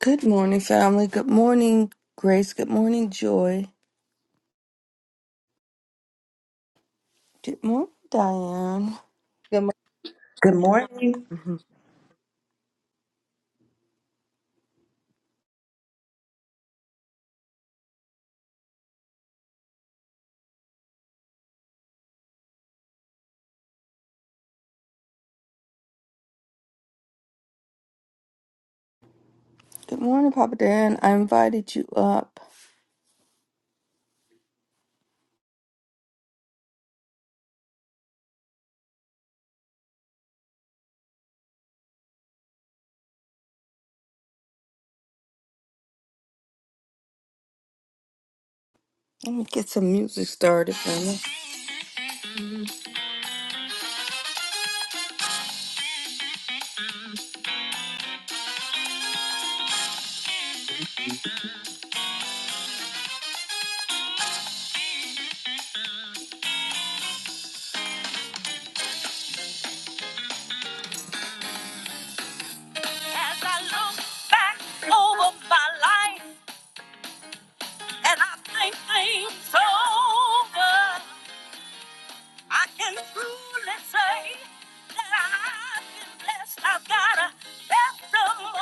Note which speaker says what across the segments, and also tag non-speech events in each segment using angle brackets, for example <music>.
Speaker 1: Good morning, family. Good morning, Grace. Good morning, Joy. Good morning, Diane.
Speaker 2: Good morning.
Speaker 3: Good morning.
Speaker 1: Mhm. Good morning, Papa Dan. I invited you up. Let me get some music started, family. As I look back over my life and I think things over, I can truly say that I've been blessed. I've got a testimony.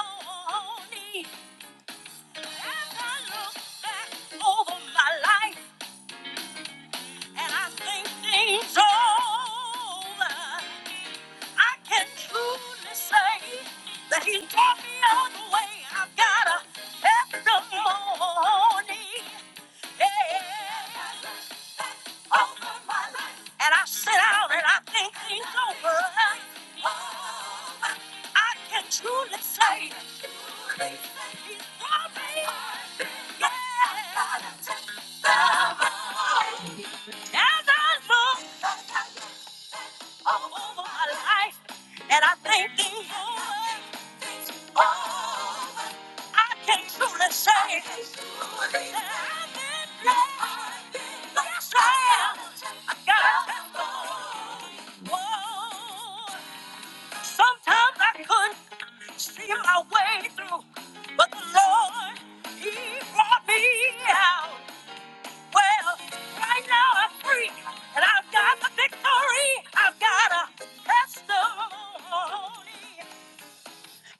Speaker 1: As I look back over my life. and I think things over. I can truly say that he brought me all the way. I've got a testimony. Yeah. Over my life. And I sit out and I think things over. Over. I can truly say that he brought me. Yeah. As I look over my life, and I thank thee, for. oh, I can truly say that I've been blessed. Yes, I am. I got that Lord. Whoa. Sometimes I couldn't see my way through, but the Lord, He brought me out. Well, right now I'm free, and I've got the victory. I've got a testimony.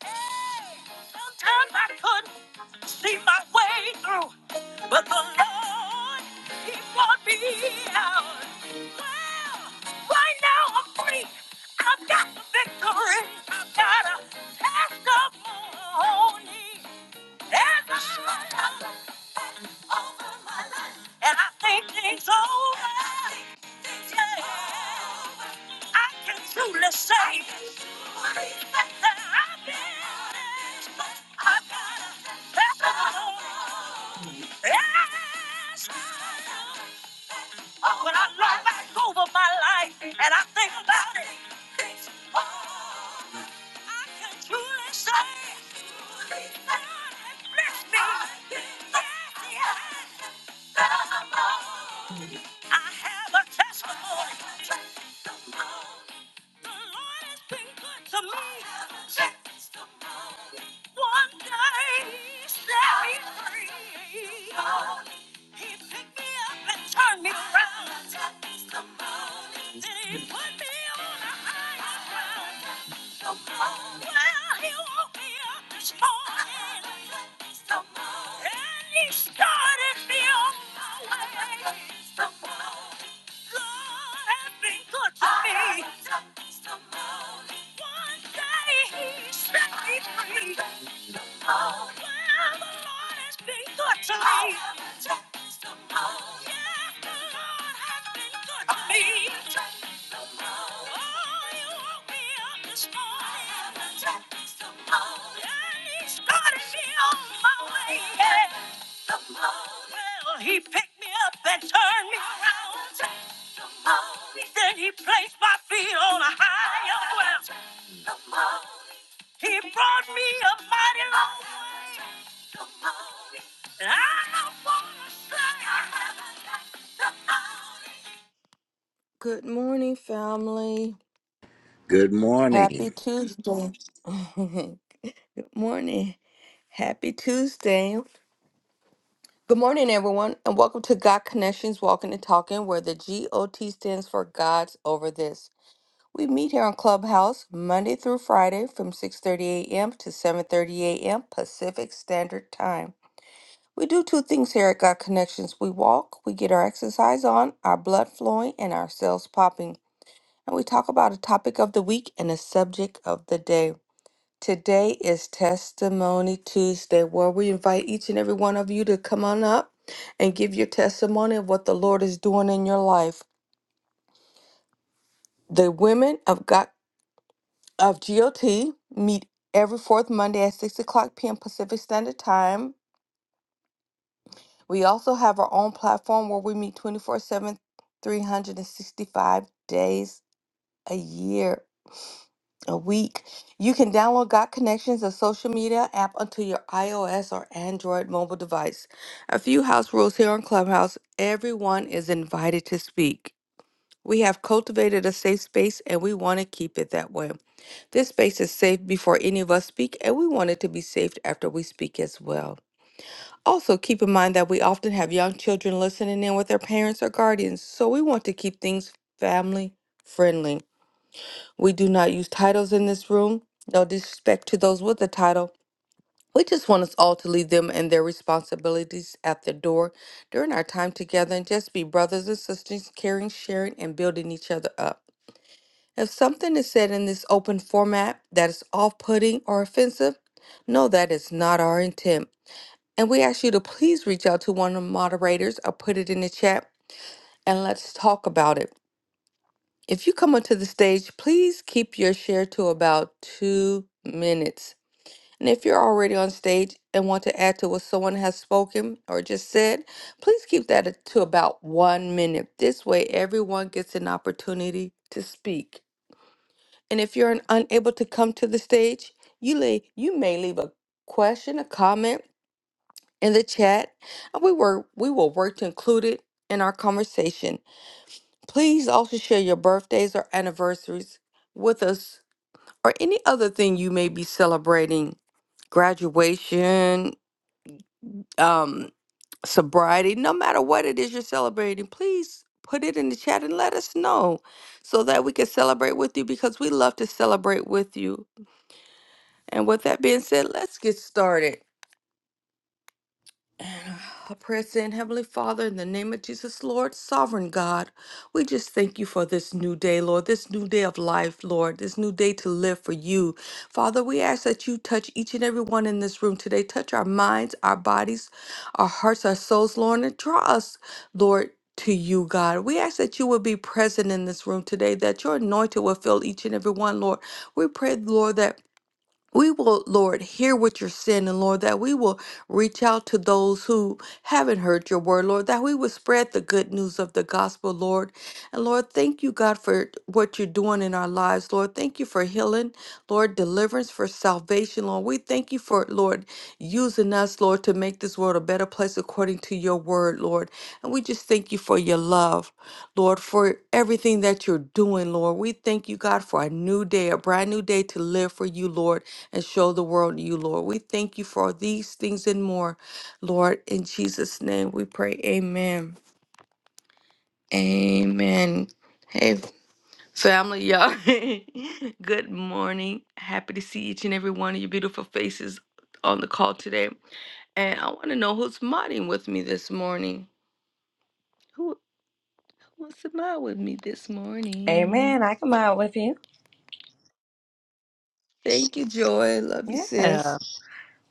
Speaker 1: Hey, sometimes I couldn't see my way through, but the Lord, He brought me out. Well, right now I'm free. I've got the victory. I've got a testimony. There's a struggle over my life, and I think things over. Yeah. I can truly say that I've been blessed. I've got a testimony. Yes. Oh, when I look back over my life and I think about it, oh, I can truly say God has blessed me. Yes, He has. I have a testimony. The Lord has been good to me. One day he set me free. He picked me up and turned me around. Then he put me on a higher ground. One day he set me free. Oh, yeah, the Lord has been good to me. I Yeah, the Lord has been good to me. I have Oh, you woke me up this morning. I have a And He started me on my way. Yeah. Testimony. Well, He picked me up and turned me around. I have Then He placed my feet on a higher ground. He brought me a mighty long way. And I don't wanna say I haven't got the money. Good morning, family.
Speaker 4: Good
Speaker 1: Happy
Speaker 4: morning.
Speaker 1: Tuesday. <laughs> Good morning. Happy Tuesday. Good morning, everyone, and welcome to God Connections Walking and Talking, where the G O T stands for God's Over This. We meet here on Clubhouse Monday through Friday from 6:30 a.m. to 7:30 a.m. Pacific Standard Time. We do two things here at Got Connections. We walk, we get our exercise on, our blood flowing, and our cells popping. And we talk about a topic of the week and a subject of the day. Today is Testimony Tuesday, where we invite each and every one of you to come on up and give your testimony of what the Lord is doing in your life. The women of God. of GOT meet every fourth Monday at 6 o'clock p.m. Pacific Standard Time. We also have our own platform where we meet twenty-four-seven, three hundred and sixty-five days a year, a week. You can download Got Connections, a social media app, onto your iOS or Android mobile device. A few house rules here on Clubhouse everyone is invited to speak. We have cultivated a safe space and we want to keep it that way. This space is safe before any of us speak, and we want it to be safe after we speak as well. Also, keep in mind that we often have young children listening in with their parents or guardians, so we want to keep things family friendly. We do not use titles in this room, no disrespect to those with a title. We just want us all to leave them and their responsibilities at the door during our time together and just be brothers and sisters, caring, sharing, and building each other up. If something is said in this open format that is off putting or offensive, know that is not our intent. And we ask you to please reach out to one of the moderators or put it in the chat and let's talk about it. If you come onto the stage, please keep your share to about two minutes. And if you're already on stage and want to add to what someone has spoken or just said, please keep that to about one minute. This way, everyone gets an opportunity to speak. And if you're unable to come to the stage, you lay, you may leave a question, a comment in the chat, and we were we will work to include it in our conversation. Please also share your birthdays or anniversaries with us, or any other thing you may be celebrating, graduation, um, sobriety, no matter what it is you're celebrating. Please put it in the chat and let us know so that we can celebrate with you because we love to celebrate with you And with that being said, let's get started. And uh, I pray, saying, Heavenly Father, in the name of Jesus, Lord, sovereign God, we just thank you for this new day, Lord, this new day of life, Lord, this new day to live for you. Father, we ask that you touch each and every one in this room today. Touch our minds, our bodies, our hearts, our souls, Lord, and draw us, Lord. To you, God. We ask that you will be present in this room today, that your anointing will fill each and every one, Lord. We pray, Lord, that we will, Lord, hear what you're saying, and Lord, that we will reach out to those who haven't heard your word, Lord, that we will spread the good news of the gospel, Lord. And Lord, thank you, God, for what you're doing in our lives, Lord. Thank you for healing, Lord, deliverance, for salvation, Lord. We thank you for, Lord, using us, Lord, to make this world a better place according to your word, Lord. And we just thank you for your love, Lord, for everything that you're doing, Lord. We thank you, God, for a new day, a brand new day to live for you, Lord and show the world you, Lord. We thank you for these things and more, Lord. In Jesus' name we pray. Amen. Amen. Hey, family, y'all. <laughs> Good morning. Happy to see each and every one of your beautiful faces on the call today. And I want to know who's modding with me this morning. Who who wants to mod with me this morning?
Speaker 2: Amen. I come out with you.
Speaker 1: Thank you, Joy. Love you,
Speaker 2: Yeah.
Speaker 1: sis.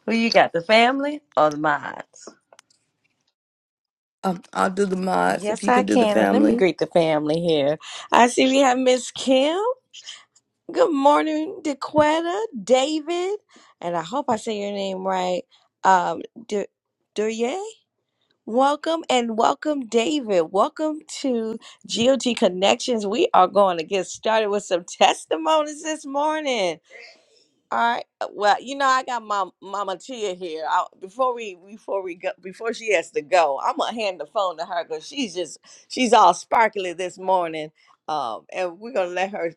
Speaker 2: Who you got, the family or the mods?
Speaker 1: Um, I'll do the mods if
Speaker 2: Yes,
Speaker 1: you
Speaker 2: I
Speaker 1: can do the
Speaker 2: can. And let me
Speaker 1: family.
Speaker 2: greet the family here. I see we have Miss Kim. Good morning, DeQuetta, David, and I hope I say your name right. Um, Du- Duryea. Welcome and welcome, David. Welcome to GOT Connections. We are going to get started with some testimonies this morning. All right. Well, you know, I got my Mama Tia here. I, before we before we go before she has to go, I'm gonna hand the phone to her because she's just she's all sparkly this morning. Um, and we're gonna let her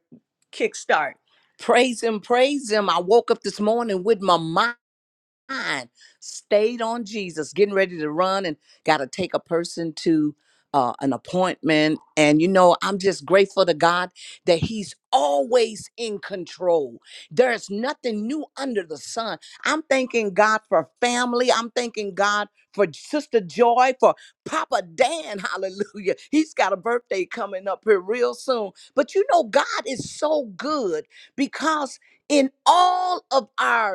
Speaker 2: kickstart. Praise him, praise him. I woke up this morning with my mind mind stayed on Jesus, getting ready to run and got to take a person to uh, an appointment. And, you know, I'm just grateful to God that He's always in control. There's nothing new under the sun. I'm thanking God for family. I'm thanking God for Sister Joy, for Papa Dan. <laughs> Hallelujah. He's got a birthday coming up here real soon. But, you know, God is so good because in all of our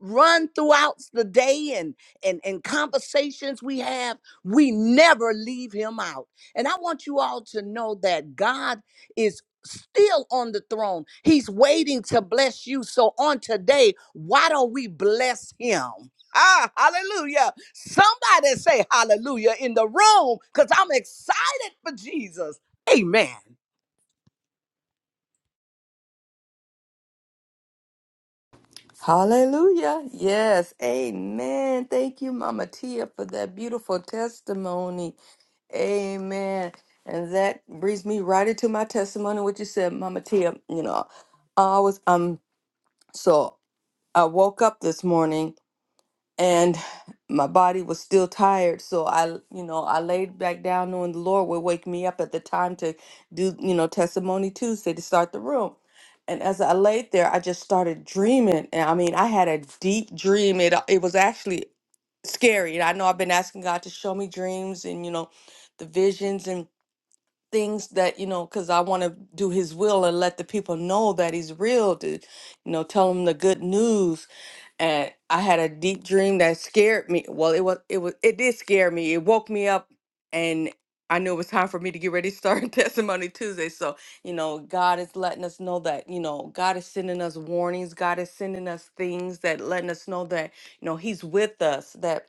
Speaker 2: run throughout the day and, and and conversations we have we never leave him out and i want you all to know that god is still on the throne he's waiting to bless you so on today why don't we bless him ah hallelujah somebody say hallelujah in the room because i'm excited for jesus amen
Speaker 1: Hallelujah. Yes. Amen. Thank you, Mama Tia, for that beautiful testimony. Amen. And that brings me right into my testimony, what you said, Mama Tia. You know, I was um so I woke up this morning and my body was still tired so i you know i laid back down knowing the lord would wake me up at the time to do you know testimony tuesday to start the room and as i laid there i just started dreaming and i mean i had a deep dream it, it was actually scary and i know i've been asking god to show me dreams and you know the visions and things that you know because i want to do his will and let the people know that he's real to you know tell them the good news and I had a deep dream that scared me. Well, it was it was it did scare me. It woke me up and I knew it was time for me to get ready to start <laughs> testimony Tuesday. So, you know, God is letting us know that, you know, God is sending us warnings. God is sending us things that letting us know that, you know, he's with us, that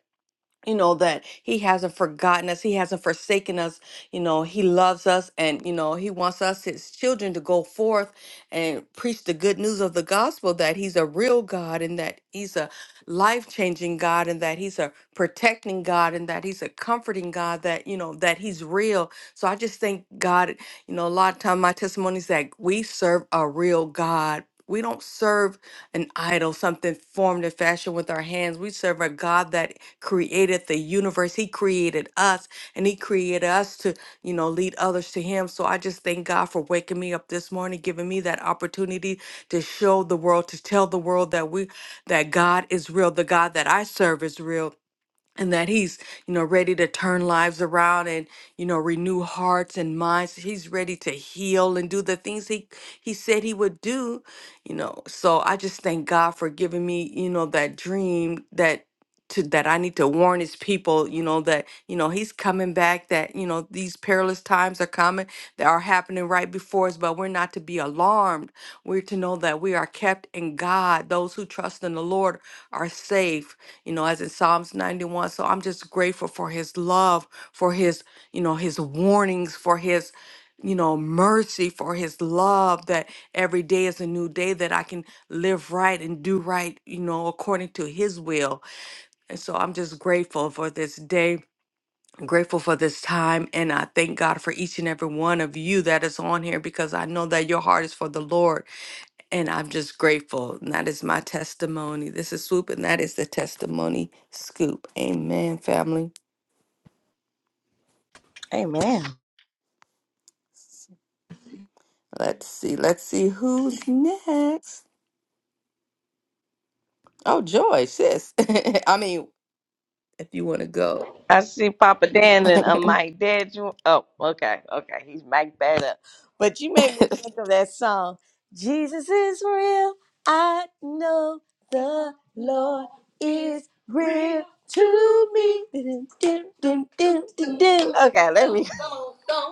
Speaker 1: you know that he hasn't forgotten us he hasn't forsaken us you know he loves us and you know he wants us his children to go forth and preach the good news of the gospel that he's a real god and that he's a life-changing god and that he's a protecting god and that he's a comforting god that you know that he's real so i just thank god you know a lot of time my testimony is that we serve a real god we don't serve an idol, something formed and fashioned with our hands. We serve a God that created the universe. He created us and He created us to, you know, lead others to Him. So I just thank God for waking me up this morning, giving me that opportunity to show the world, to tell the world that we, that God is real, the God that I serve is real and that he's you know ready to turn lives around and you know renew hearts and minds he's ready to heal and do the things he he said he would do you know so i just thank god for giving me you know that dream that to that i need to warn his people you know that you know he's coming back that you know these perilous times are coming that are happening right before us but we're not to be alarmed we're to know that we are kept in God. Those who trust in the Lord are safe, you know, as in Psalms 91. So I'm just grateful for his love, for his, you know, his warnings, for his, you know, mercy, for his love that every day is a new day that I can live right and do right, you know, according to his will. And so I'm just grateful for this day. Grateful for this time, and I thank God for each and every one of you that is on here because I know that your heart is for the Lord. And I'm just grateful. And that is my testimony. This is Swoop, and that is the testimony scoop. Amen, family. Let's see. Let's see who's next. Oh, Joy, sis. <laughs> I mean, if you want to go.
Speaker 2: I see Papa Dan
Speaker 1: <laughs>
Speaker 2: and uh, Mike Dad. You oh, okay, okay, he's Mike that up. But you made me think of that song. Jesus is real. I know the Lord is real to me. Do, do, do, do, do, do. Okay, let me. <laughs>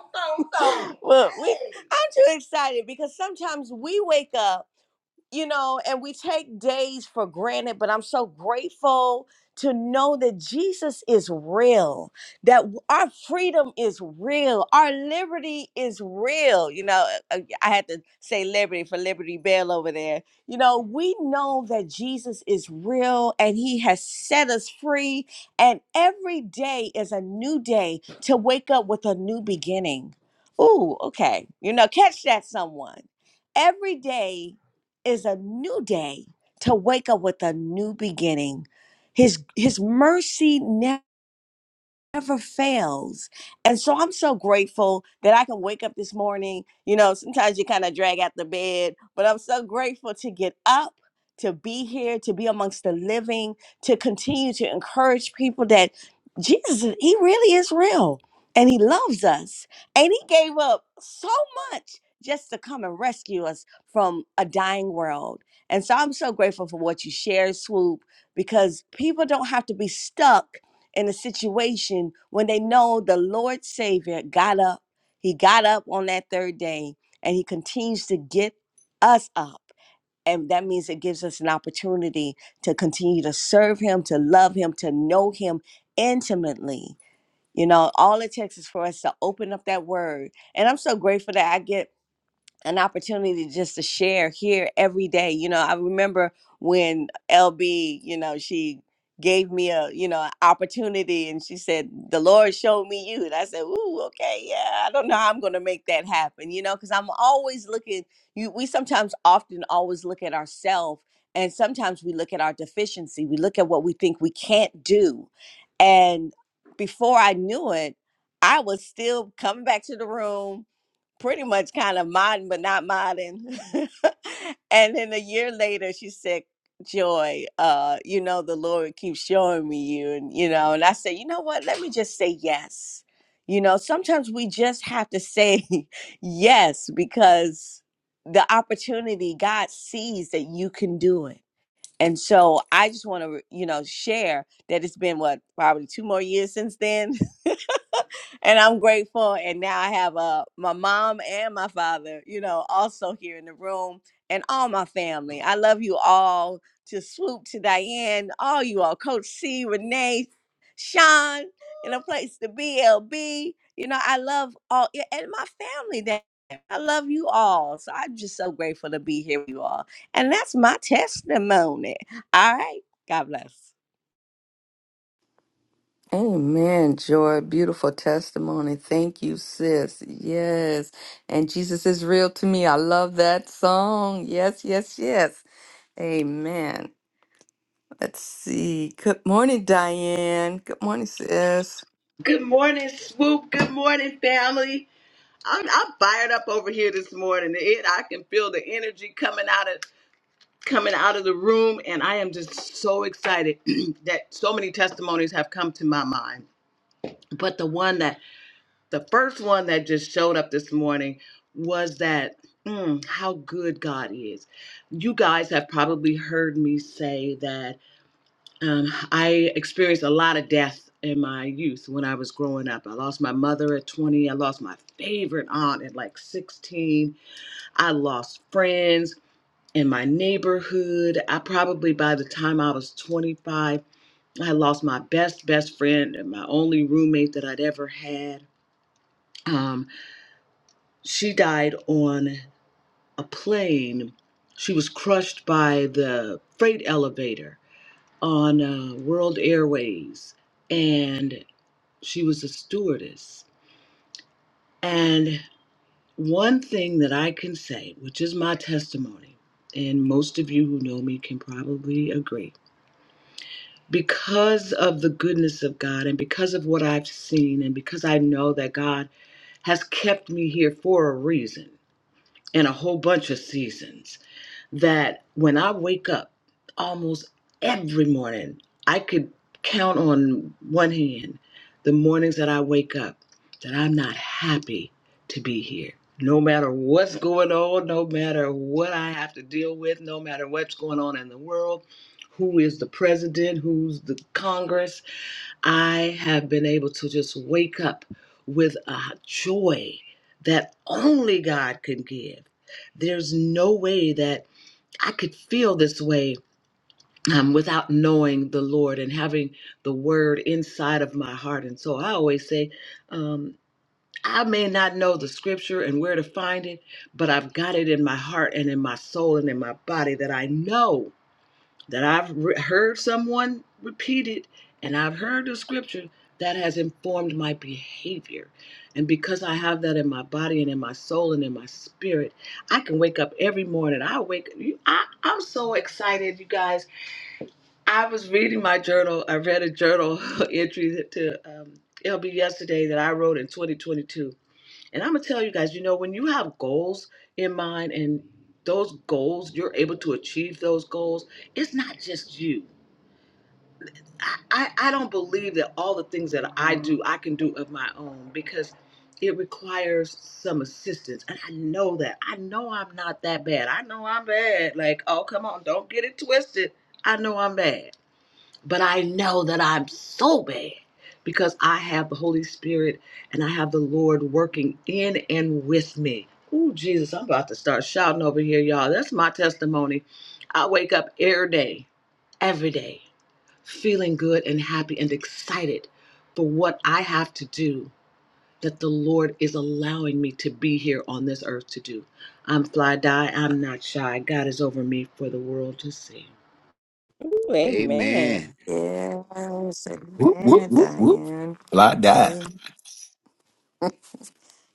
Speaker 2: Well, we, I'm too excited because sometimes we wake up you know, and we take days for granted, but I'm so grateful to know that Jesus is real, that w- our freedom is real, our liberty is real. You know, uh, uh, I had to say liberty for Liberty Bell over there. You know, we know that Jesus is real and he has set us free, and every day is a new day to wake up with a new beginning. Ooh, okay. You know, catch that someone. Every day is a new day to wake up with a new beginning. His his mercy never fails. And so I'm so grateful that I can wake up this morning. You know, sometimes you kind of drag out the bed, but I'm so grateful to get up, to be here, to be amongst the living, to continue to encourage people that Jesus, He really is real and He loves us. And He gave up so much just to come and rescue us from a dying world. And so I'm so grateful for what you shared, Swoop, because people don't have to be stuck in a situation when they know the Lord Savior got up. He got up on that third day and he continues to get us up. And that means it gives us an opportunity to continue to serve him, to love him, to know him intimately. You know, all it takes is for us to open up that word. And I'm so grateful that I get an opportunity just to share here every day. You know, I remember when LB, you know, she gave me a, you know, an opportunity and she said, The Lord showed me you. And I said, Ooh, okay, yeah, I don't know how I'm gonna make that happen, you know, because I'm always looking, you we sometimes often always look at ourselves and sometimes we look at our deficiency. We look at what we think we can't do. And before I knew it, I was still coming back to the room pretty much kind of modding, but not modding. <laughs> and then a year later she said joy uh you know the lord keeps showing me you and you know and i said you know what let me just say yes you know sometimes we just have to say <laughs> yes because the opportunity god sees that you can do it and so i just want to you know share that it's been what probably two more years since then <laughs> and I'm grateful. And now I have uh my mom and my father, you know, also here in the room, and all my family. I love you all. To swoop to Diane, all you all, Coach C, Renee, Sean, in a place to be, LB. You know, I love all yeah, and my family. That I love you all. So I'm just so grateful to be here with you all. And that's my testimony. All right. God bless.
Speaker 1: Amen, Joy. Beautiful testimony. Thank you, sis. Yes. And Jesus is real to me. I love that song. Yes, yes, yes. Amen. Let's see. Good morning, Diane. Good morning, sis.
Speaker 3: Good morning, Swoop. Good morning, family. I'm, I'm fired up over here this morning. It, I can feel the energy coming out of coming out of the room, and I am just so excited <clears throat> that so many testimonies have come to my mind. But the one that the first one that just showed up this morning was that mm, how good God is. You guys have probably heard me say that Um, I experienced a lot of death in my youth when I was growing up. I lost my mother at 20. I lost my favorite aunt at like 16. I lost friends in my neighborhood. I probably, by the time I was 25, I lost my best, best friend and my only roommate that I'd ever had. Um, she died on a plane. She was crushed by the freight elevator on uh, World Airways. and. She was a stewardess. And one thing that I can say, which is my testimony, and most of you who know me can probably agree, because of the goodness of God and because of what I've seen, and because I know that God has kept me here for a reason in a whole bunch of seasons. that when I wake up almost every morning, I could count on one hand the mornings that I wake up that I'm not happy to be here. No matter what's going on, no matter what I have to deal with, no matter what's going on in the world, who is the president, who's the Congress, I have been able to just wake up with a joy that only God can give. There's no way that I could feel this way um, without knowing the Lord and having the word inside of my heart. And so I always say, um, I may not know the scripture and where to find it, but I've got it in my heart and in my soul and in my body that I know that I've re- heard someone repeat it and I've heard the scripture that has informed my behavior. And because I have that in my body and in my soul and in my spirit, I can wake up every morning. I wake you I, I'm so excited, you guys. I was reading my journal. I read a journal <laughs> entry to um, LB yesterday that I wrote in 2022. And I'm going to tell you guys, you know, when you have goals in mind and those goals, you're able to achieve those goals, it's not just you I, I don't believe that all the things that I do, I can do of my own because it requires some assistance. And I know that. I know I'm not that bad. I know I'm bad. Like, oh, come on, don't get it twisted. I know I'm bad. But I know that I'm so bad because I have the Holy Spirit and I have the Lord working in and with me. Ooh, Jesus, I'm about to start shouting over here, y'all. That's my testimony. I wake up every day, every day feeling good and happy and excited for what I have to do that the Lord is allowing me to be here on this earth to do. I'm fly die, I'm not shy. God is over me for the world to see.
Speaker 2: Ooh, amen.
Speaker 4: Amen.
Speaker 1: Yes,
Speaker 5: Whoop, whoop,
Speaker 1: amen,
Speaker 5: whoop, whoop.
Speaker 1: Diane.
Speaker 5: Till I die.
Speaker 1: Hey,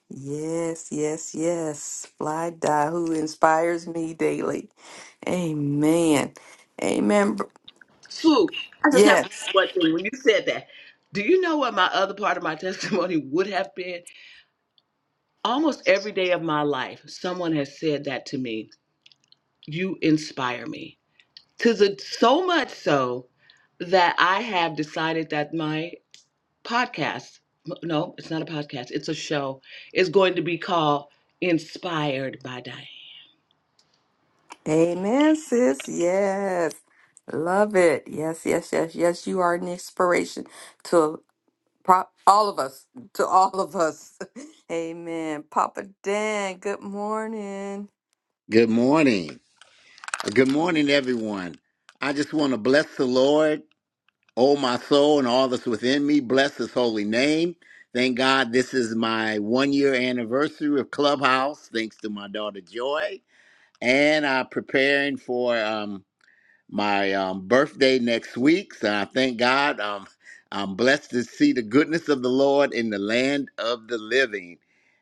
Speaker 1: yes, yes, yes. Fly die who inspires me daily. Amen. Amen. br-
Speaker 3: Swoop, I just have to
Speaker 1: Yes.
Speaker 3: say one thing when you said that. Do you know what my other part of my testimony <laughs> would have been? Almost every day of my life, someone has said that to me. You inspire me. To the so much so that I have decided that my podcast. No, it's not a podcast. It's a show. It's going to be called Inspired by Diane.
Speaker 1: Amen, sis. Yes. Love it. Yes, yes, yes, yes. You are an inspiration to pro- all of us. To all of us. <laughs> Amen. Papa Dan, good morning.
Speaker 4: Good morning. Good morning, everyone. I just want to bless the Lord, oh my soul, and all that's within me. Bless his holy name. Thank God this is my one year anniversary of Clubhouse, thanks to my daughter Joy. And I'm preparing for um, my um, birthday next week. So I thank God. Um, I'm blessed to see the goodness of the Lord in the land of the living.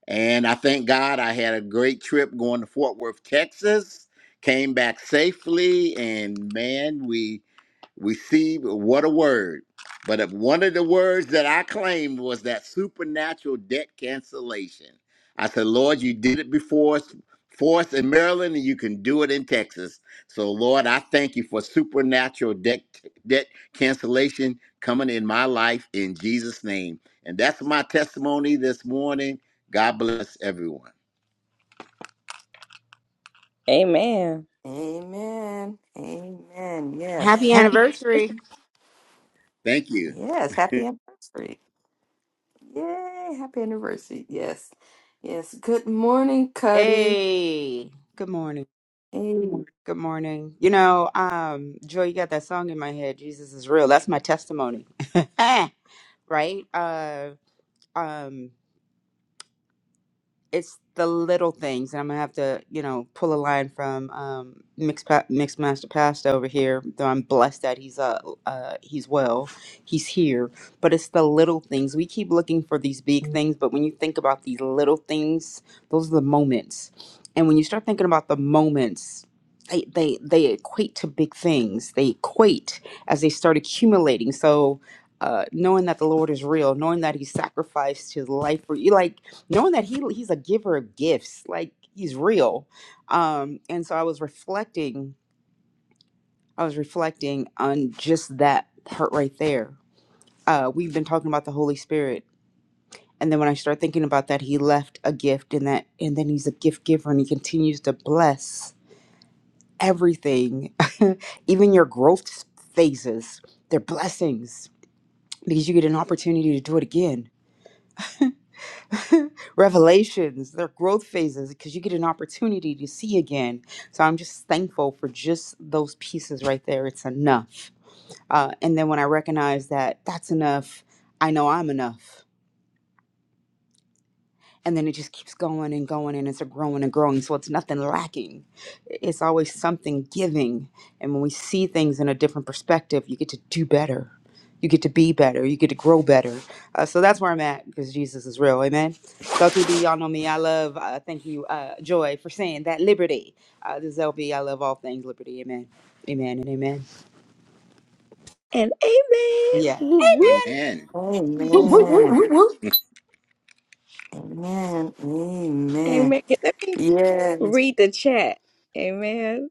Speaker 4: And I thank God I had a great trip going to Fort Worth, Texas. Came back safely, and man, we we see what a word. But if one of the words that I claimed was that supernatural debt cancellation. I said, Lord, you did it before us, for us in Maryland, and you can do it in Texas. So, Lord, I thank you for supernatural debt, debt cancellation coming in my life in Jesus' name. And that's my testimony this morning. God bless everyone.
Speaker 2: Amen.
Speaker 1: Amen. Amen. Yes.
Speaker 6: Happy anniversary.
Speaker 4: Thank you.
Speaker 1: Yes, happy anniversary. Yay, happy anniversary. Yes. Yes. Good morning, Cuddy.
Speaker 6: Hey. Good morning.
Speaker 1: Amen.
Speaker 6: Good morning. You know, um, Joy, you got that song in my head, Jesus is real. That's my testimony. <laughs> right? Uh um it's the little things, and I'm gonna have to, you know, pull a line from um, Mix pa- Mix Master Pasta over here. Though I'm blessed that he's uh, uh he's well, he's here. But it's the little things. We keep looking for these big things, but when you think about these little things, those are the moments. And when you start thinking about the moments, they they they equate to big things. They equate as they start accumulating. So. Uh, knowing that the Lord is real, knowing that He sacrificed His life for you, like knowing that he he's a giver of gifts like he's real um and so i was reflecting i was reflecting on just that part right there uh we've been talking about the holy spirit and then when i start thinking about that he left a gift and that and then he's a gift giver and he continues to bless everything <laughs> even your growth phases they're blessings because you get an opportunity to do it again <laughs> revelations, their growth phases, because you get an opportunity to see again. So I'm just thankful for just those pieces right there. It's enough. Uh, and then when I recognize that that's enough, I know I'm enough and then it just keeps going and going and it's a growing and growing so it's nothing lacking it's always something giving and when we see things in a different perspective you get to do better you get to be better you get to grow better uh, so that's where i'm at because jesus is real amen so tb y'all know me i love uh, thank you uh, joy for saying that liberty uh, this is lb i love all things liberty amen amen and amen
Speaker 2: And amen.
Speaker 6: yeah
Speaker 2: Whoop, whoop.
Speaker 4: Amen.
Speaker 5: Whoop, whoop, whoop,
Speaker 1: Amen.
Speaker 5: whoop, whoop.
Speaker 4: <laughs>
Speaker 1: Amen. Amen.
Speaker 2: Amen. Okay, Let me
Speaker 1: Yes.
Speaker 2: read the chat. Amen.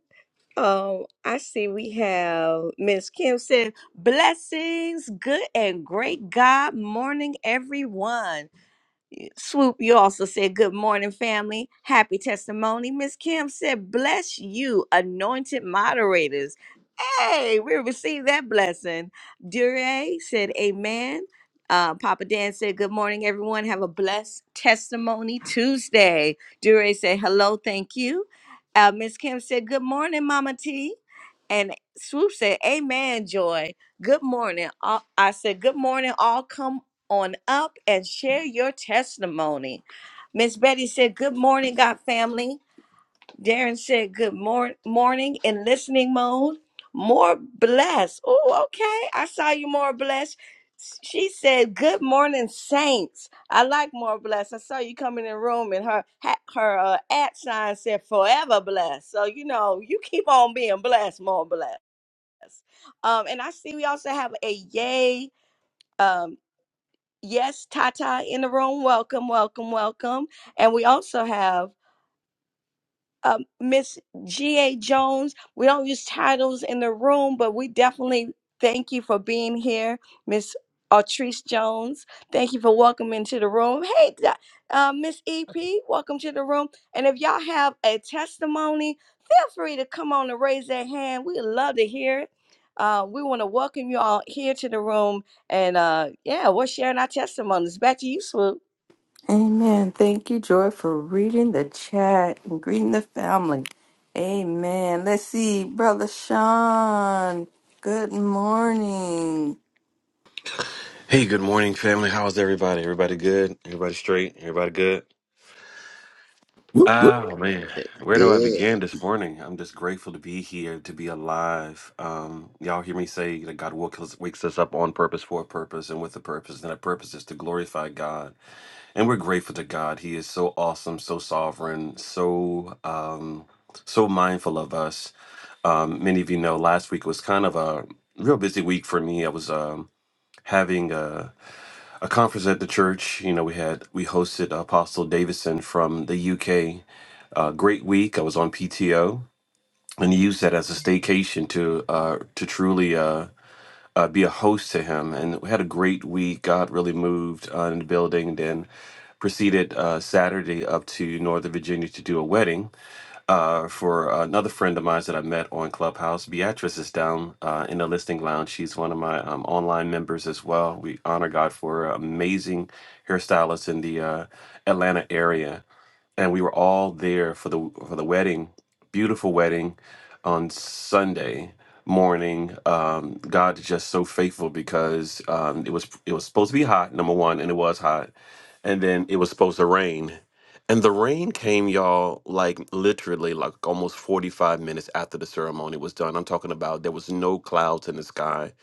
Speaker 2: Um, I see we have Miss Kim said, Blessings, good and great God morning, everyone. Swoop, you also said good morning, family. Happy testimony. Miss Kim said, bless you, anointed moderators. Hey, we received that blessing. Dure said, amen. Uh, Papa Dan said, good morning, everyone. Have a blessed testimony Tuesday. Dure said, hello, thank you. Uh, Miss Kim said, good morning, Mama T. And Swoop said, amen, Joy. Good morning. all- I said, good morning, all. Come." on up and share your testimony. Miss Betty said, Good morning, God family. Darren said, Good mor- morning in listening mode. More blessed. Oh, okay. I saw you more blessed. She said, "Good morning, saints. I like more blessed. I saw you coming in the room, and her ha- her uh, at sign said forever blessed. So you know, you keep on being blessed, more blessed. Um, and I see we also have a yay. um, Yes, Tata in the room. Welcome, welcome, welcome. And we also have um, Miss G.A. Jones. We don't use titles in the room, but we definitely thank you for being here, Miss Artrice Jones. Thank you for welcoming to the room. Hey, Da- uh, Miss E.P., welcome to the room. And if y'all have a testimony, feel free to come on and raise that hand. We love to hear it. Uh, we want to welcome you all here to the room. And uh, yeah, we're sharing our testimonies. Back to you, Swoop.
Speaker 1: Amen. Thank you, Joy, for reading the chat and greeting the family. Amen. Let's see, Brother Sean. Good morning.
Speaker 7: Hey, good morning, family. How's everybody? Everybody good? Everybody straight? Everybody good?
Speaker 5: Whoop, whoop.
Speaker 7: Oh man, where do I
Speaker 4: Good.
Speaker 7: begin this morning? I'm just grateful to be here, to be alive. Um, y'all hear me say that God woke us, wakes us up on purpose, for a purpose, and with a purpose, and that purpose is to glorify God. And we're grateful to God. He is so awesome, so sovereign, so um, so mindful of us. Um, many of you know last week was kind of a real busy week for me. I was um, having a a conference at the church. You know, we had we hosted Apostle Davison from the UK. Uh, great week. I was on PTO and used that as a staycation to uh, to truly uh, uh, be a host to him. And we had a great week. God really moved uh, in the building. Then proceeded uh, Saturday up to Northern Virginia to do a wedding uh, for another friend of mine that I met on Clubhouse. Beatrice is down uh, in the listing lounge. She's one of my um, online members as well. We honor God for her amazing hairstylist in the uh, Atlanta area, and we were all there for the for the wedding, beautiful wedding, on Sunday morning. Um, God is just so faithful because um, it was it was supposed to be hot, number one, and it was hot and then it was supposed to rain. And the rain came, y'all, like literally like almost 45 minutes after the ceremony was done. I'm talking about there was no clouds in the sky.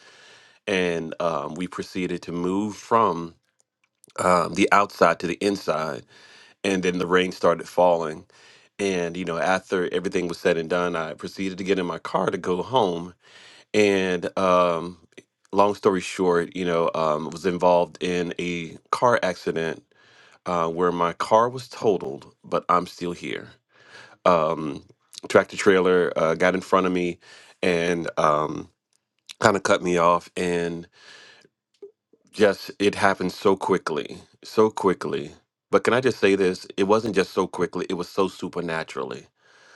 Speaker 7: And um, we proceeded to move from um, the outside to the inside. And then the rain started falling. And, you know, after everything was said and done, I proceeded to get in my car to go home. And um, long story short, you know, um, was involved in a car accident uh, where my car was totaled, but I'm still here. Um, tractor trailer uh, got in front of me and um, kind of cut me off, and just it happened so quickly, so quickly. But can I just say this? It wasn't just so quickly; it was so supernaturally,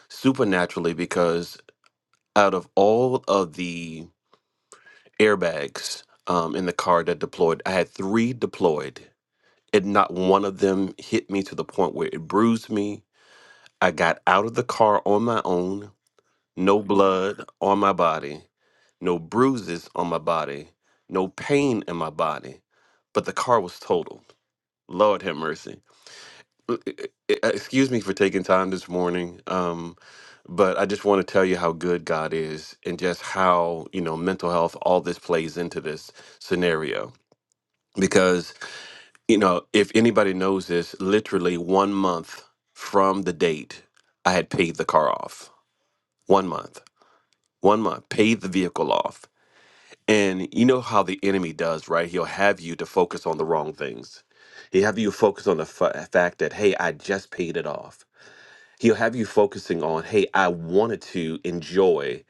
Speaker 7: supernaturally because out of all of the airbags um, in the car that deployed, I had three deployed, and not one of them hit me to the point where it bruised me I got out of the car on my own, no blood on my body, no bruises on my body, no pain in my body, but the car was totaled. Lord have mercy. Uh, uh, uh, uh, Excuse me for taking time this morning, um, but I just want to tell you how good God is and just how, you know, mental health, all this plays into this scenario. Because, you know, if anybody knows this, literally one month from the date, I had paid the car off one month, one month, pay the vehicle off. And you know how the enemy does, right? He'll have you to focus on the wrong things. He'll have you focus on the f- fact that, hey, I just paid it off. He'll have you focusing on, hey, I wanted to enjoy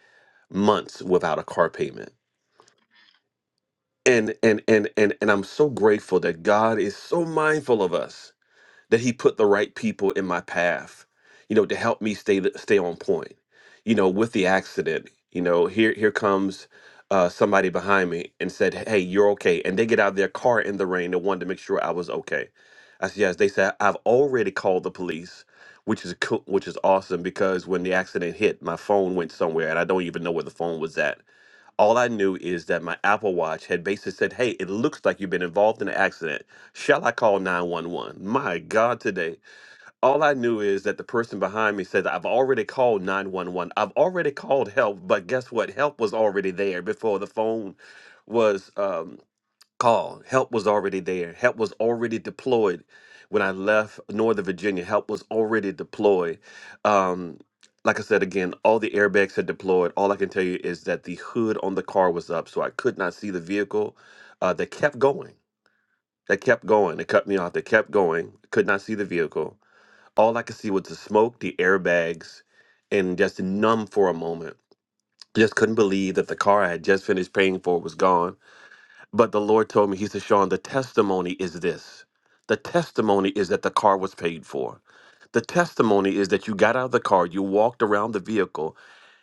Speaker 7: months without a car payment. And and and and and I'm so grateful that God is so mindful of us that he put the right people in my path, you know, to help me stay stay on point. You know, with the accident, you know, here here comes uh, somebody behind me and said, "Hey, you're okay," and they get out of their car in the rain and wanted to make sure I was okay. I said, "Yes." They said, "I've already called the police." Which is cool, which is awesome because when the accident hit, my phone went somewhere and I don't even know where the phone was at all I knew is that my Apple Watch had basically said, Hey, it looks like you've been involved in an accident. Shall I call 911?" My God, today. All I knew is that the person behind me said, I've already called 911. I've already called help, but guess what? Help was already there before the phone was. um, call. Help was already there. Help was already deployed when I left Northern Virginia. Help was already deployed. Um, like I said again, all the airbags had deployed. All I can tell you is that the hood on the car was up, so I could not see the vehicle. Uh, they kept going. They kept going. They cut me off. They kept going. Could not see the vehicle. All I could see was the smoke, the airbags, and just numb for a moment. Just couldn't believe that the car I had just finished paying for was gone but the Lord told me, He said, Sean, the testimony is this. The testimony is that the car was paid for. The testimony is that you got out of the car, you walked around the vehicle,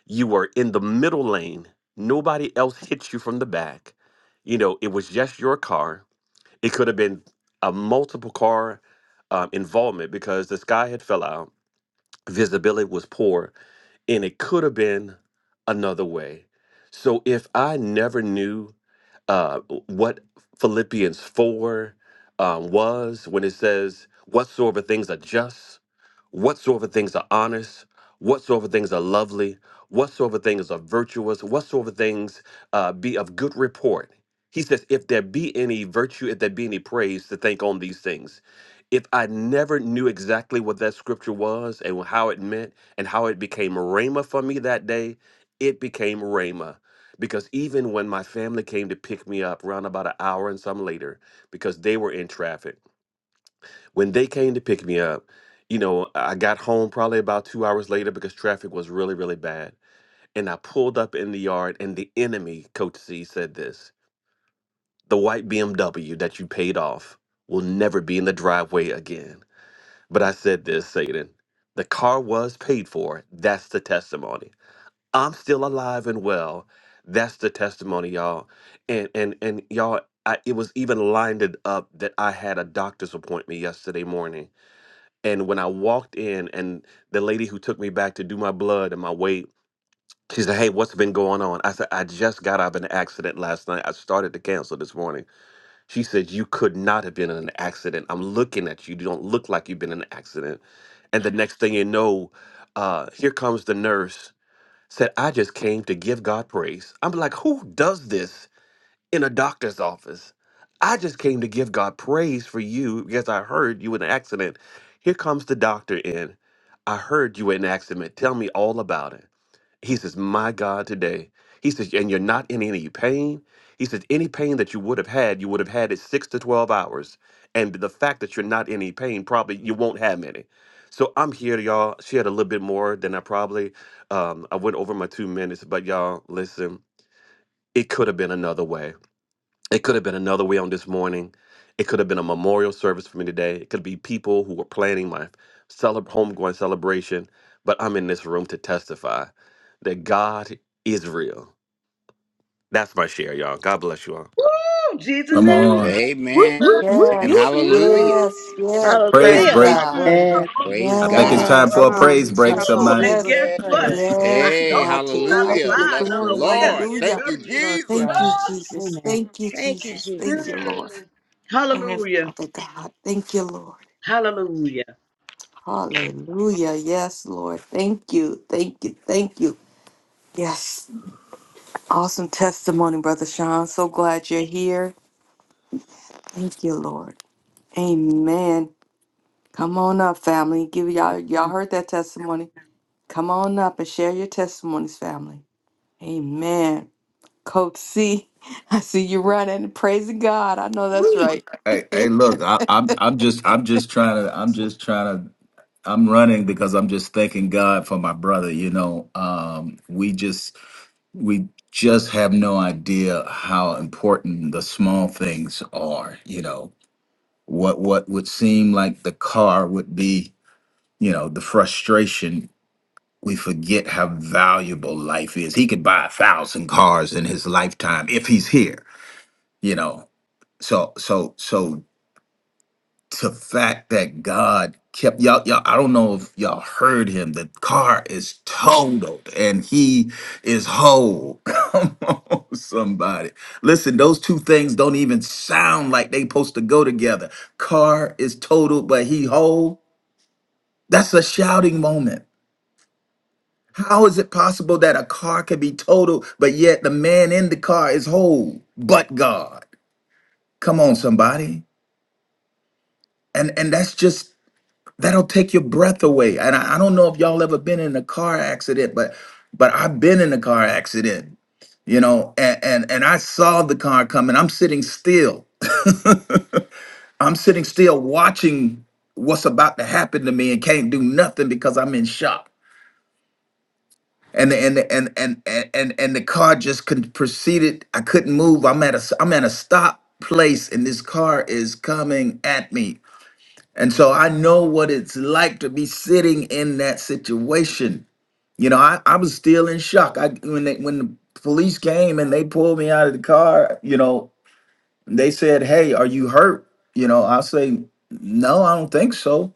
Speaker 7: you were in the middle lane, nobody else hit you from the back. You know, it was just your car. It could have been a multiple car um, involvement because the sky had fell out, visibility was poor, and it could have been another way. So if I never knew uh, what Philippians 4 um, was when it says, Whatsoever things are just, whatsoever things are honest, whatsoever things are lovely, whatsoever things are virtuous, whatsoever things uh, be of good report. He says, If there be any virtue, if there be any praise, to think on these things. If I never knew exactly what that scripture was and how it meant and how it became rhema for me that day, it became rhema because even when my family came to pick me up around about an hour and some later because they were in traffic when they came to pick me up you know i got home probably about two hours later because traffic was really really bad and i pulled up in the yard and the enemy coach c said this the white bmw that you paid off will never be in the driveway again but i said this satan the car was paid for that's the testimony I'm still alive and well. That's the testimony, y'all. And and and y'all, I, it was even lined up that I had a doctor's appointment yesterday morning. And when I walked in, and the lady who took me back to do my blood and my weight, she said, "Hey, what's been going on?" I said, "I just got out of an accident last night. I started to cancel this morning." She said, "You could not have been in an accident. I'm looking at you. You don't look like you've been in an accident." And the next thing you know, uh, here comes the nurse said, I just came to give God praise. I'm like, who does this in a doctor's office? I just came to give God praise for you because I heard you in an accident. Here comes the doctor in. I heard you in an accident. Tell me all about it. He says, My God, today. He says, And you're not in any pain. He says, Any pain that you would have had, you would have had it six to 12 hours. And the fact that you're not in any pain, probably you won't have any. So I'm here, y'all. She had a little bit more than I probably. Um, I went over my two minutes, but y'all, listen, it could have been another way. It could have been another way on this morning. It could have been a memorial service for me today. It could be people who were planning my cele- homegoing celebration. But I'm in this room to testify that God is real. That's my share, y'all. God bless you all.
Speaker 3: Woo! Jesus
Speaker 5: Come
Speaker 3: and
Speaker 4: Ooh,
Speaker 5: on. Whoop,
Speaker 4: amen.
Speaker 5: whoop, whoop,
Speaker 4: And
Speaker 5: whoop,
Speaker 1: Yes,
Speaker 4: hallelujah.
Speaker 1: yes, yes.
Speaker 5: whoop. Praise
Speaker 1: But
Speaker 6: Praise
Speaker 2: Hallelujah.
Speaker 5: break.
Speaker 6: God.
Speaker 1: God.
Speaker 3: Mm,
Speaker 6: Glory to
Speaker 3: come
Speaker 6: God.
Speaker 8: Amen.
Speaker 4: Praise
Speaker 5: I think it's
Speaker 8: Amen.
Speaker 4: God.
Speaker 5: time
Speaker 1: Yes,
Speaker 5: for
Speaker 6: Come
Speaker 5: a
Speaker 1: thank
Speaker 6: on.
Speaker 1: you,
Speaker 5: praise break,
Speaker 6: Come
Speaker 1: Jesus.
Speaker 6: on.
Speaker 5: somebody.
Speaker 3: And
Speaker 6: Give
Speaker 1: Yes,
Speaker 6: us
Speaker 3: guess
Speaker 6: some
Speaker 8: Yes.
Speaker 3: what?
Speaker 6: praise.
Speaker 1: yes,
Speaker 3: I
Speaker 4: Hey,
Speaker 3: know
Speaker 1: God.
Speaker 3: you
Speaker 1: To
Speaker 8: Ooh,
Speaker 3: about to
Speaker 1: God
Speaker 8: Thank
Speaker 1: be
Speaker 4: hallelujah.
Speaker 8: you.
Speaker 1: the
Speaker 3: buy
Speaker 4: Bless the
Speaker 1: glory.
Speaker 3: another white
Speaker 2: Hallelujah.
Speaker 4: Lord.
Speaker 1: Hallelujah.
Speaker 4: Thank you,
Speaker 3: BMW.
Speaker 6: Glory to
Speaker 1: Thank you,
Speaker 4: Jesus.
Speaker 6: God.
Speaker 1: Jesus.
Speaker 6: Amen.
Speaker 1: Thank you,
Speaker 2: Thank you,
Speaker 1: Jesus.
Speaker 2: Jesus.
Speaker 1: Thank you, Lord. Oh,
Speaker 3: Hallelujah.
Speaker 1: Father God. Thank you, Lord.
Speaker 3: Hallelujah.
Speaker 1: Hallelujah. Yes, Lord. Thank you. Thank you. Thank you. Yes. Awesome testimony, Brother Sean. So glad you're here. Thank you, Lord. Amen. Come on up, family. Give y'all y'all heard that testimony. Come on up and share your testimonies, family. Amen. Coach C, <laughs> I see you running. Praising God. I know that's
Speaker 5: Whoop.
Speaker 1: right.
Speaker 5: Hey, hey, look, I, I'm, I'm just, I'm just trying to, I'm just trying to, I'm running because I'm just thanking God for my brother. You know, um, we just, we just have no idea how important the small things are. You know, what, what would seem like the car would be you know the frustration we forget how valuable life is he could buy a thousand cars in his lifetime if he's here you know so so so the fact that god kept y'all y'all i don't know if y'all heard him the car is totaled and he is whole <laughs> come on somebody listen those two things don't even sound like they supposed to go together car is totaled but he whole that's a shouting moment How is it possible that a car could be total, but yet the man in the car is whole? But God, come on, somebody, and and that's just that'll take your breath away. And I, I don't know if y'all ever been in a car accident, but but I've been in a car accident, you know, and and, and I saw the car coming. I'm sitting still. <laughs> I'm sitting still watching what's about to happen to me and can't do nothing because I'm in shock and and, and and and and and the car just could proceeded. I couldn't move. I'm at a s- I'm at a stop place, and this car is coming at me. And so I know what it's like to be sitting in that situation. You know, I, I was still in shock. I when they, when the police came and they pulled me out of the car. You know, they said, "Hey, are you hurt?" You know, I say, "No, I don't think so."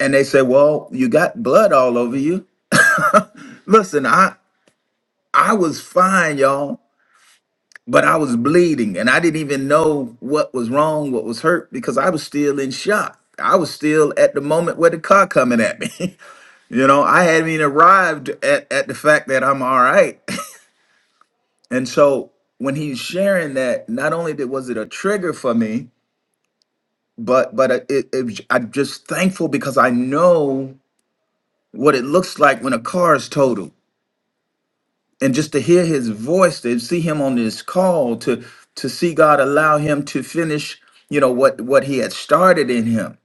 Speaker 5: And they said, "Well, you got blood all over you." Listen, I I was fine, y'all but I was bleeding and I didn't even know what was wrong, what was hurt because I was still in shock. I was still at the moment where the car coming at me. <laughs> you know, I hadn't even arrived at, at the fact that I'm all right. <laughs> and so when he's sharing that, not only did was it a trigger for me, but but it, it, it- was- I'm just thankful because I know what it looks like when a car is totaled. and just to hear his voice to see him on this call to to see god allow him to finish you know what what he had started in him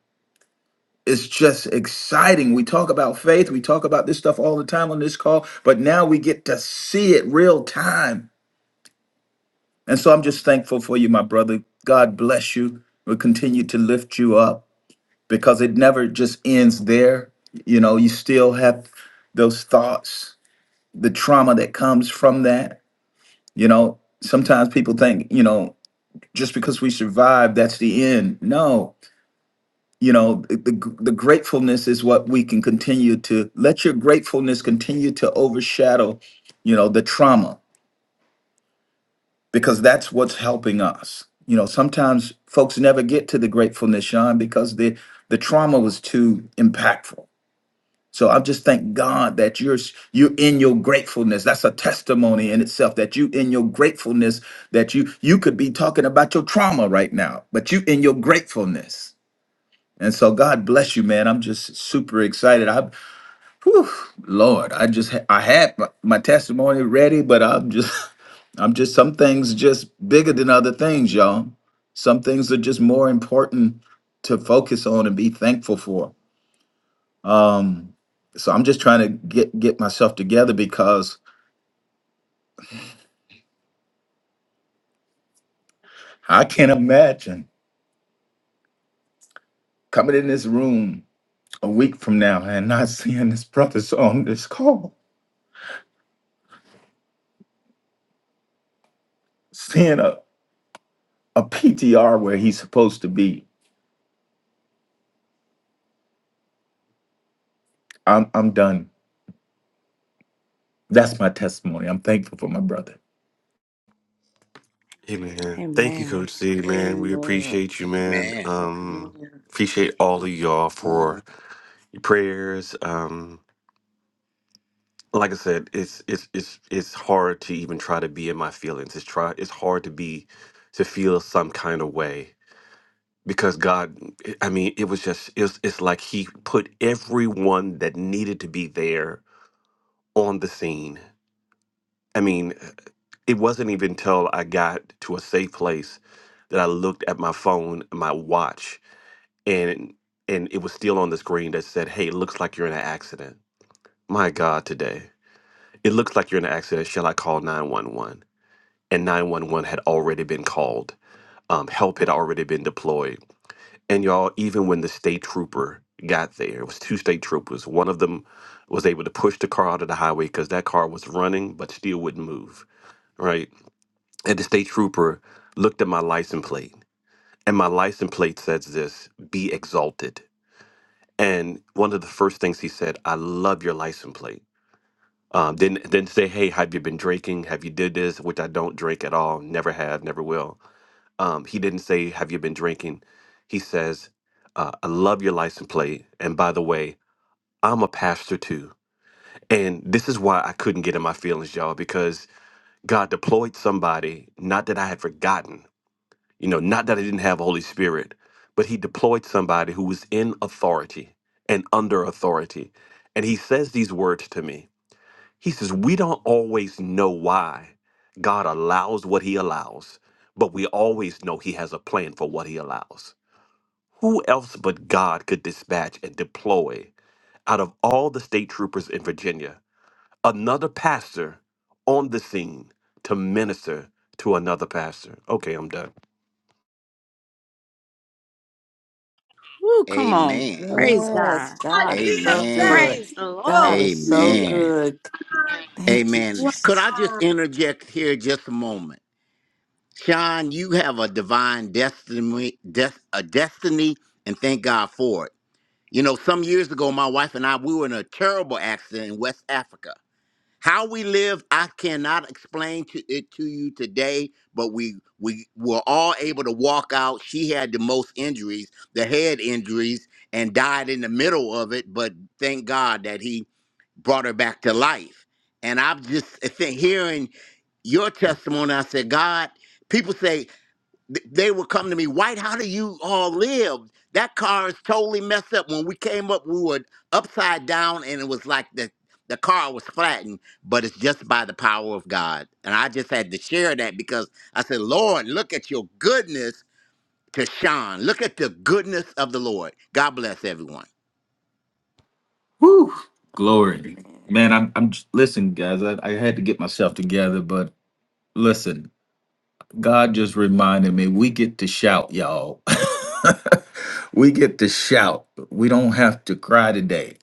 Speaker 5: it's just exciting we talk about faith we talk about this stuff all the time on this call but now we get to see it real time and so i'm just thankful for you my brother god bless you we'll continue to lift you up because it never just ends there you know you still have those thoughts the trauma that comes from that You know, sometimes people think, you know, just because we survive, that's the end. No, you know, the, the the gratefulness is what we can continue to let your gratefulness continue to overshadow, you know, the trauma because that's what's helping us. You know, sometimes folks never get to the gratefulness, Sean, because the the trauma was too impactful So I just thank God that you're you are in your gratefulness. That's a testimony in itself that you in your gratefulness that you you could be talking about your trauma right now, but you in your gratefulness. And so God bless you, man. I'm just super excited. I, whew, Lord, I just ha- I had my, my testimony ready, but I'm just <laughs> I'm just some things just bigger than other things, y'all. Some things are just more important to focus on and be thankful for. Um, so I'm just trying to get get myself together because I can't imagine coming in this room a week from now and not seeing this brother So on this call, seeing a, a PTR where he's supposed to be. I'm I'm done. That's my testimony. I'm thankful for my brother.
Speaker 7: Hey man, thank you, Coach
Speaker 2: Amen.
Speaker 7: C. Man, we
Speaker 1: Amen.
Speaker 7: appreciate you, man.
Speaker 4: Amen.
Speaker 7: Um,
Speaker 1: Amen.
Speaker 7: appreciate all of y'all
Speaker 8: Amen.
Speaker 7: for your prayers. Um, like I said, it's it's it's it's hard to even try to be in my feelings. It's try it's hard to be to feel some kind of way because God, I mean, it was just it's it's like He put everyone that needed to be there on the scene. I mean, it wasn't even till I got to a safe place that I looked at my phone, my watch, and and it was still on the screen that said, "Hey, it looks like you're in an accident." My God, today it looks like you're in an accident. Shall I call nine one one? And nine one one had already been called. Um, help had already been deployed And y'all, even when the state trooper got there, it was two state troopers. One of them was able to push the car out of the highway because that car was running but still wouldn't move, right? And the state trooper looked at my license plate, and my license plate says this be exalted. And one of the first things he said, I love your license plate. Um, didn't didn't say, hey, have you been drinking? Have you did this? Which I don't drink at all, never have, never will. Um, he didn't say, Have you been drinking? He says, uh, I love your license plate. And by the way, I'm a pastor too. And this is why I couldn't get in my feelings, y'all, because God deployed somebody, not that I had forgotten, you know, not that I didn't have Holy Spirit, but He deployed somebody who was in authority and under authority. And He says these words to me He says, We don't always know why God allows what He allows, but we always know He has a plan for what He allows. Who else but God could dispatch and deploy out of all the state troopers in Virginia another pastor on the scene to minister to another pastor? Okay, I'm done.
Speaker 2: Woo, come on.
Speaker 4: Amen.
Speaker 8: Amen.
Speaker 2: Praise
Speaker 1: Yes,
Speaker 2: God.
Speaker 3: Ah,
Speaker 1: God is
Speaker 3: you know,
Speaker 1: so good.
Speaker 4: Amen.
Speaker 2: Praise the
Speaker 3: that's
Speaker 1: God
Speaker 2: Lord.
Speaker 1: is so
Speaker 3: me.
Speaker 4: Amen.
Speaker 1: good.
Speaker 3: Ah,
Speaker 1: Thank you,
Speaker 4: Amen.
Speaker 3: wow.
Speaker 4: Could
Speaker 1: Jesus.
Speaker 4: I just interject here just a moment? Sean, you have a divine destiny, des- a destiny, and thank God for it. You know, some years ago, my wife and I, we were in a terrible accident in West Africa. How we live, I cannot explain to it to you today, but we we were all able to walk out. She had the most injuries, the head injuries, and died in the middle of it. But thank God that he brought her back to life. And I'm just I think hearing your testimony. I said, God, people say th- they would come to me, White, how do you all live? That car is totally messed up. When we came up, we were upside down and it was like the, the car was flattened, but it's just by the power of God. And I just had to share that because I said, Lord, look at your goodness to Sean. Look at the goodness of the Lord. God bless everyone.
Speaker 5: Woo! Glory.
Speaker 1: Amen.
Speaker 5: Man, I'm I'm j- listen, guys, I, I had to get myself together, but listen. God just reminded me we get to shout, y'all. <laughs> we get to shout. We don't have to cry today.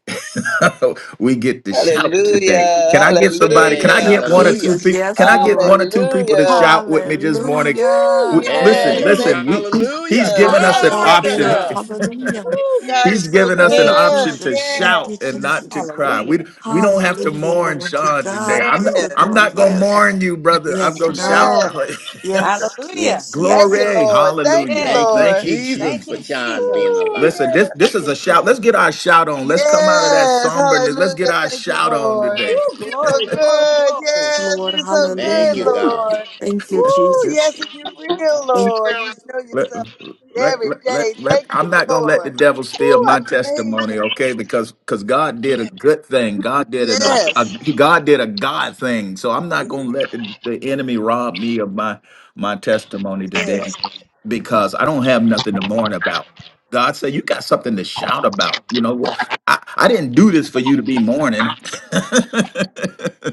Speaker 5: <laughs> we get to shout today.
Speaker 8: Hallelujah.
Speaker 5: Can I get somebody? Can
Speaker 1: Thank
Speaker 4: Hey,
Speaker 5: I
Speaker 1: you,
Speaker 5: get
Speaker 8: Hallelujah.
Speaker 5: one or two
Speaker 4: hallelujah.
Speaker 1: Jesus.
Speaker 5: people? Can
Speaker 1: Yes,
Speaker 5: I get
Speaker 1: Lord.
Speaker 5: one or two people to
Speaker 8: Hallelujah.
Speaker 5: shout with me this morning?
Speaker 8: Ooh,
Speaker 5: We-
Speaker 1: Hallelujah.
Speaker 5: Listen,
Speaker 8: yes.
Speaker 4: Hey,
Speaker 1: Hallelujah.
Speaker 8: Thank
Speaker 5: listen.
Speaker 8: you,
Speaker 5: We he's,
Speaker 4: hallelujah.
Speaker 5: he's
Speaker 1: God
Speaker 8: Jesus.
Speaker 5: giving
Speaker 1: is
Speaker 5: us an
Speaker 1: so
Speaker 4: Glory to
Speaker 5: option.
Speaker 1: good.
Speaker 8: Hallelujah.
Speaker 4: God.
Speaker 1: Hallelujah.
Speaker 8: Ooh,
Speaker 5: <laughs>
Speaker 8: God is
Speaker 5: he's
Speaker 8: so
Speaker 5: given
Speaker 1: Thank
Speaker 5: us an
Speaker 1: you,
Speaker 2: Hey,
Speaker 5: option
Speaker 8: good.
Speaker 5: to
Speaker 1: Jesus. Thank
Speaker 8: Yes.
Speaker 5: shout
Speaker 1: you,
Speaker 5: and not to
Speaker 1: Jesus.
Speaker 5: cry.
Speaker 2: hallelujah.
Speaker 5: We we don't have to
Speaker 1: Hallelujah,
Speaker 5: mourn
Speaker 1: Lord. To
Speaker 5: Sean today.
Speaker 1: God
Speaker 8: Yes.
Speaker 5: I'm
Speaker 1: be
Speaker 5: not,
Speaker 1: the
Speaker 5: I'm
Speaker 1: glory.
Speaker 5: not gonna
Speaker 2: Praise
Speaker 1: Yes.
Speaker 2: God.
Speaker 5: mourn you, brother. I'm
Speaker 1: Yes,
Speaker 5: gonna shout.
Speaker 1: no.
Speaker 8: Yes.
Speaker 5: <laughs>
Speaker 1: Yes,
Speaker 2: Hallelujah.
Speaker 1: yes,
Speaker 8: Thank
Speaker 1: yes.
Speaker 8: you,
Speaker 5: Glory.
Speaker 8: Lord. Thank you,
Speaker 5: Hallelujah.
Speaker 4: Thank
Speaker 2: Yes.
Speaker 4: you,
Speaker 5: Thank
Speaker 8: Lord.
Speaker 5: you,
Speaker 4: Jesus,
Speaker 2: Thank
Speaker 4: for
Speaker 2: you,
Speaker 5: Jesus.
Speaker 4: Sean being
Speaker 2: Jesus.
Speaker 8: Ooh,
Speaker 4: alive.
Speaker 5: Listen,
Speaker 8: yes.
Speaker 5: this
Speaker 2: Thank
Speaker 5: this is
Speaker 2: you,
Speaker 5: a shout. Let's
Speaker 2: Jesus.
Speaker 5: get our shout on. Let's come out of that
Speaker 8: Yes,
Speaker 5: somberness. Let's get
Speaker 8: hallelujah.
Speaker 5: our
Speaker 8: Thank you,
Speaker 5: shout on
Speaker 8: Lord.
Speaker 5: today.
Speaker 2: Woo,
Speaker 8: You're so
Speaker 2: glory, glory,
Speaker 8: good.
Speaker 2: glory.
Speaker 1: Yes,
Speaker 8: Yes,
Speaker 1: Lord,
Speaker 8: you're so
Speaker 4: Thank
Speaker 8: good,
Speaker 4: you,
Speaker 1: hallelujah.
Speaker 4: God.
Speaker 8: Lord.
Speaker 1: Thank you,
Speaker 8: Woo,
Speaker 1: Jesus.
Speaker 8: yes, and you're real,
Speaker 1: Thank
Speaker 8: Lord. You show
Speaker 5: let,
Speaker 8: yourself
Speaker 5: let,
Speaker 8: every
Speaker 5: let,
Speaker 8: day.
Speaker 5: let, let-
Speaker 8: Thank
Speaker 5: I'm
Speaker 8: you,
Speaker 5: not gonna let the
Speaker 8: Lord.
Speaker 5: devil
Speaker 8: Woo,
Speaker 5: steal
Speaker 8: I
Speaker 5: my
Speaker 8: praise
Speaker 5: testimony, okay? Because because God did a
Speaker 8: you.
Speaker 5: good thing. God did an, a, a
Speaker 8: Yes,
Speaker 5: he- God did a God thing. So I'm not
Speaker 8: yes,
Speaker 5: gonna let the, the enemy rob me of my my testimony today
Speaker 8: yes.
Speaker 5: because I don't have nothing to mourn about. God said, "You got something to shout about." You know, what? I I didn't do this for you to be mourning.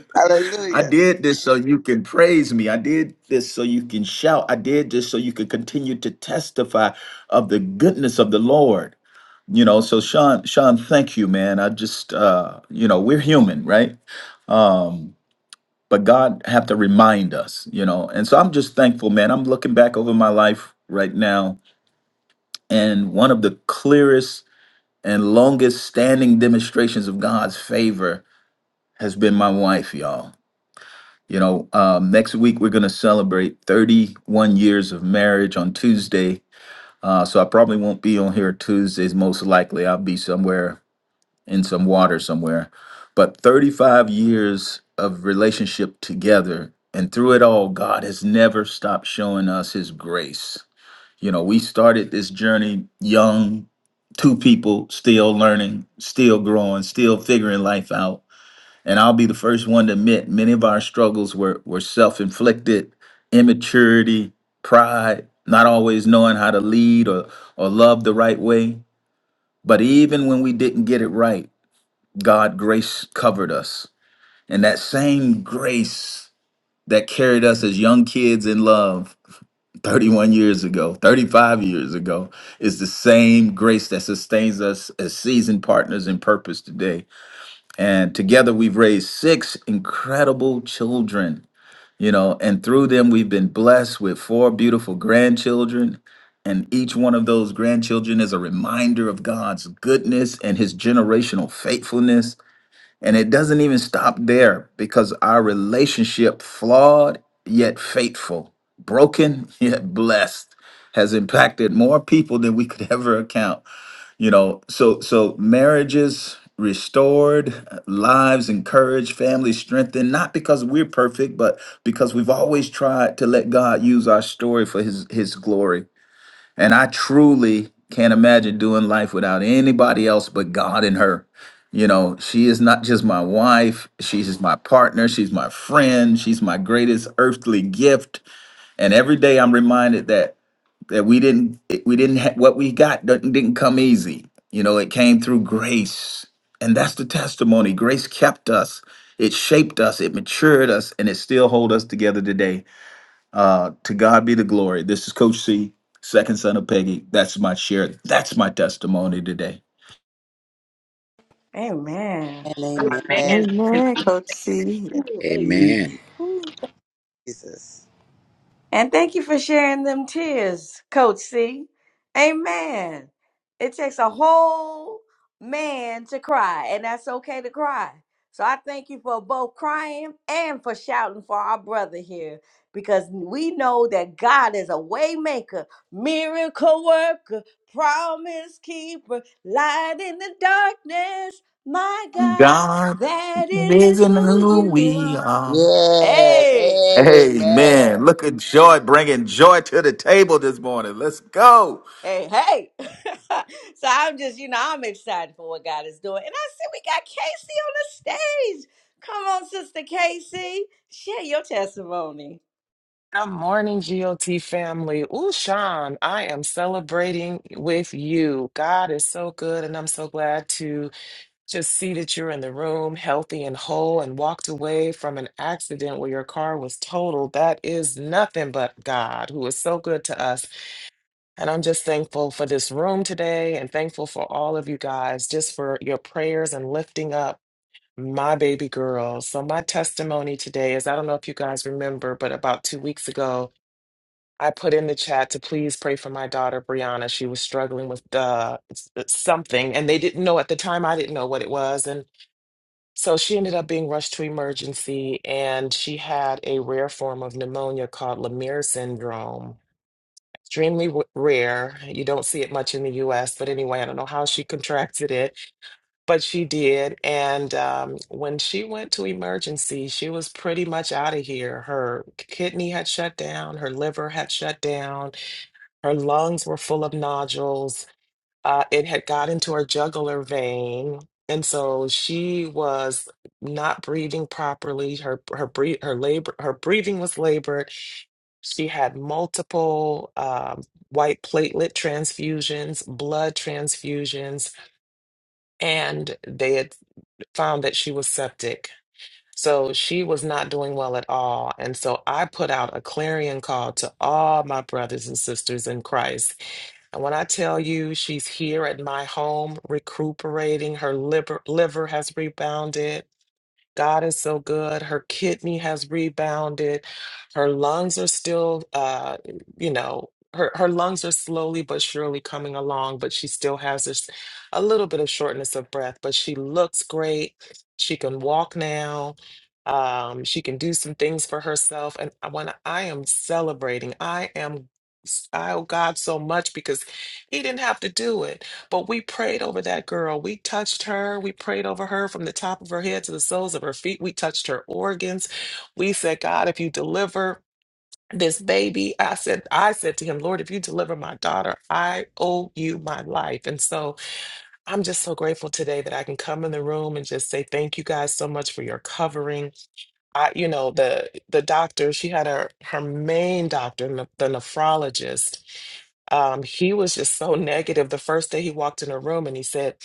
Speaker 5: <laughs> I
Speaker 8: Hallelujah.
Speaker 5: did this so you can praise me. I did this so you can shout. I did this so you could continue to testify of the goodness of the Lord. You know, so Sean, Sean, thank you, man. I just uh, you know, we're human, right? Um, but God have to remind us, you know. And so I'm just thankful, man. I'm looking back over my life right now, and one of the clearest and longest standing demonstrations of God's favor has been my wife, y'all You know, um, next week we're going to celebrate 31 years of marriage on Tuesday. Uh, so I probably won't be on here Tuesdays, most likely. I'll be somewhere in some water somewhere. But 35 years of relationship together. And through it all, God has never stopped showing us his grace. You know, we started this journey young, two people still learning, still growing, still figuring life out and I'll be the first one to admit many of our struggles were, were self inflicted, immaturity, pride, not always knowing how to lead or, or love the right way. But even when we didn't get it right, God grace covered us. And that same grace that carried us as young kids in love <laughs> 31 years ago, 35 years ago, is the same grace that sustains us as seasoned partners in purpose today and together we've raised six incredible children you know and through them we've been blessed with four beautiful grandchildren and each one of those grandchildren is a reminder of God's goodness and his generational faithfulness and it doesn't even stop there because our relationship flawed yet faithful broken <laughs> yet blessed has impacted more people than we could ever account you know so so marriages restored lives encouraged families strengthened not because we're perfect but because we've always tried to let god use our story for his his glory and i truly can't imagine doing life without anybody else but god and her you know she is not just my wife she's my partner she's my friend she's my greatest earthly gift and every day i'm reminded that that we didn't it- we didn't ha- what we got didn't didn't come easy you know it came through grace and that's the testimony grace kept us it shaped us it matured us and it still hold us together today uh to god be the glory this is coach c second son of peggy that's my share that's my testimony today
Speaker 2: Amen.
Speaker 8: Amen. amen.
Speaker 3: Amen.
Speaker 1: Amen, Coach C.
Speaker 3: Amen.
Speaker 4: Amen.
Speaker 8: Ooh, Jesus.
Speaker 2: And thank you for sharing them tears, Coach C. Amen. It takes a whole man to cry, and that's okay to cry. So I thank you for both crying and for shouting for our brother here because we know that God is a waymaker, miracle worker, promise keeper, light in the darkness. My God,
Speaker 5: God
Speaker 2: that is
Speaker 5: is in
Speaker 2: who
Speaker 5: who
Speaker 2: you
Speaker 5: we
Speaker 2: are.
Speaker 5: are.
Speaker 8: Yes,
Speaker 2: Hey.
Speaker 5: Amen.
Speaker 8: amen.
Speaker 5: Look at joy, bringing joy to the table this morning. Let's go.
Speaker 2: Hey, hey. <laughs> so I'm just, you know, I'm excited for what God is doing. And I said, we got Casey on the stage. Come on, Sister Casey. Share your testimony.
Speaker 9: Good morning, GOT family. Ooh, Sean, I am celebrating with you. God is so good, and I'm so glad to just see that you're in the room, healthy and whole, and walked away from an accident where your car was totaled. That is nothing but God, who is so good to us. And I'm just thankful for this room today and thankful for all of you guys, just for your prayers and lifting up my baby girl. So, my testimony today is I don't know if you guys remember, but about two weeks ago, I put in the chat to please pray for my daughter Brianna. She was struggling with uh, s- uh, something, and they didn't know at the time. I didn't know what it was, and so she ended up being rushed to emergency, and she had a rare form of pneumonia called Lemire syndrome. Extremely w- rare. You don't see it much in the U.S., but anyway, I don't know how she contracted it, but she did. And um, when she went to emergency, she was pretty much out of here. Her kidney had shut down. Her liver had shut down her lungs were full of nodules. Uh, it had got into her jugular vein, and so she was not breathing properly. Her her breathe her labor her breathing was labored. She had multiple um, white platelet transfusions, blood transfusions, and they had found that she was septic. So she was not doing well at all. And so I put out a clarion call to all my brothers and sisters in Christ and when I tell you she's here at my home recuperating, her liver, liver has rebounded. God is so good. Her kidney has rebounded. Her lungs are still, uh, you know, her, her lungs are slowly but surely coming along, but she still has this a little bit of shortness of breath, but she looks great. She can walk now. Um, she can do some things for herself. And I- when I am celebrating, I am, I owe God so much because he didn't have to do it but we prayed over that girl. We touched her. We prayed over her from the top of her head to the soles of her feet. We touched her organs. We said, God, if you deliver this baby, I said, I said to him, Lord, if you deliver my daughter, I owe you my life. And so I'm just so grateful today that I can come in the room and just say thank you guys so much for your covering. I, you know, the the doctor, she had her her main doctor, ne- the nephrologist. Um, he was just so negative the first day he walked in her room and he said,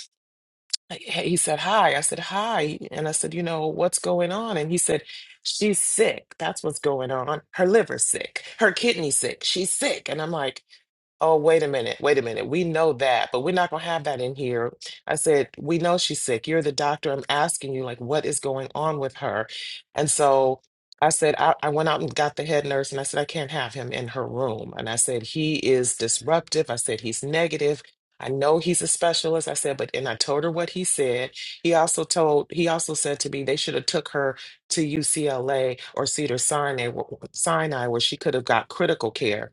Speaker 9: Hey, he said hi i said hi and i said you know what's going on and he said she's sick that's what's going on her liver's sick her kidney's sick she's sick and i'm like Oh, wait a minute, wait a minute. We know that, but we're not going to have that in here. I said, We know she's sick. You're the doctor. I'm asking you, like, what is going on with her? And so I said, I, I went out and got the head nurse and I said, I can't have him in her room. And I said, He is disruptive. I said, He's negative. I know he's a specialist. I said, but and I told her what he said. He also told, he also said to me they should have took her to UCLA or Cedar Sinai, Sinai where she could have got critical care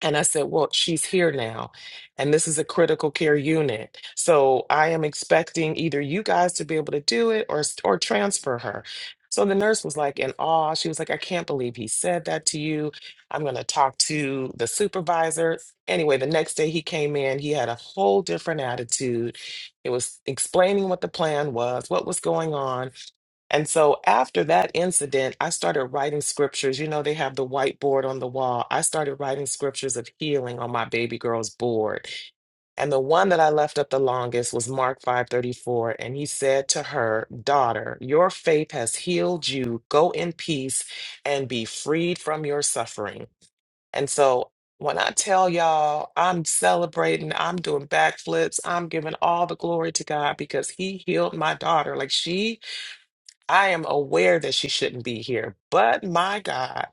Speaker 9: and I said, Well, she's here now, and this is a critical care unit. So I am expecting either you guys to be able to do it or, or transfer her. So the nurse was like in awe. She was like, I can't believe he said that to you. I'm going to talk to the supervisor. Anyway, the next day he came in, he had a whole different attitude. It was explaining what the plan was, what was going on. And so after that incident, I started writing scriptures. You know, they have the whiteboard on the wall. I started writing scriptures of healing on my baby girl's board. And the one that I left up the longest was Mark 5:34, and he said to her, "Daughter, your faith has healed you. Go in peace and be freed from your suffering." And so when I tell y'all I'm celebrating, I'm doing backflips, I'm giving all the glory to God because He healed my daughter. Like she I am aware that she shouldn't be here, but my God,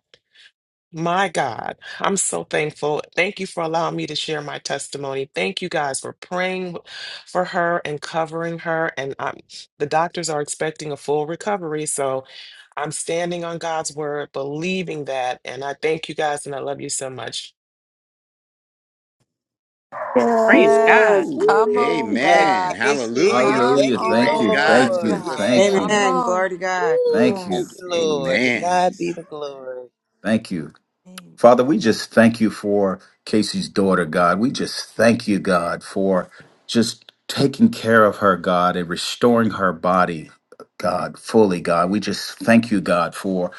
Speaker 9: my God, I'm so thankful. Thank you for allowing me to share my testimony. Thank you guys for praying for her and covering her. And um, the doctors are expecting a full recovery. So I'm standing on God's word, believing that. And I thank you guys and I love you so much.
Speaker 2: Praise God.
Speaker 1: Yes,
Speaker 4: Woo.
Speaker 1: come on,
Speaker 8: Hey,
Speaker 4: Amen.
Speaker 1: God.
Speaker 8: Casey,
Speaker 4: Hallelujah.
Speaker 1: Come
Speaker 8: thank
Speaker 5: Hallelujah.
Speaker 8: you,
Speaker 5: Thank
Speaker 4: Praise
Speaker 1: on,
Speaker 5: you.
Speaker 4: God,
Speaker 1: but
Speaker 5: Thank
Speaker 8: Lord.
Speaker 5: you.
Speaker 4: sister.
Speaker 1: God.
Speaker 5: Thank
Speaker 1: Come
Speaker 5: you.
Speaker 8: Yes.
Speaker 6: Amen.
Speaker 1: on.
Speaker 6: Glory to God.
Speaker 8: Woo,
Speaker 5: Thank you.
Speaker 8: thank you,
Speaker 1: Yes, thank you,
Speaker 8: Lord. To
Speaker 4: Amen.
Speaker 8: God be
Speaker 1: Jesus.
Speaker 8: the glory.
Speaker 5: Thank you. Father, we
Speaker 1: Amen.
Speaker 5: just thank you for Casey's daughter, God. We just thank you, God, for just taking care of her, God, and restoring her body. God, fully, God. We just thank you, God, for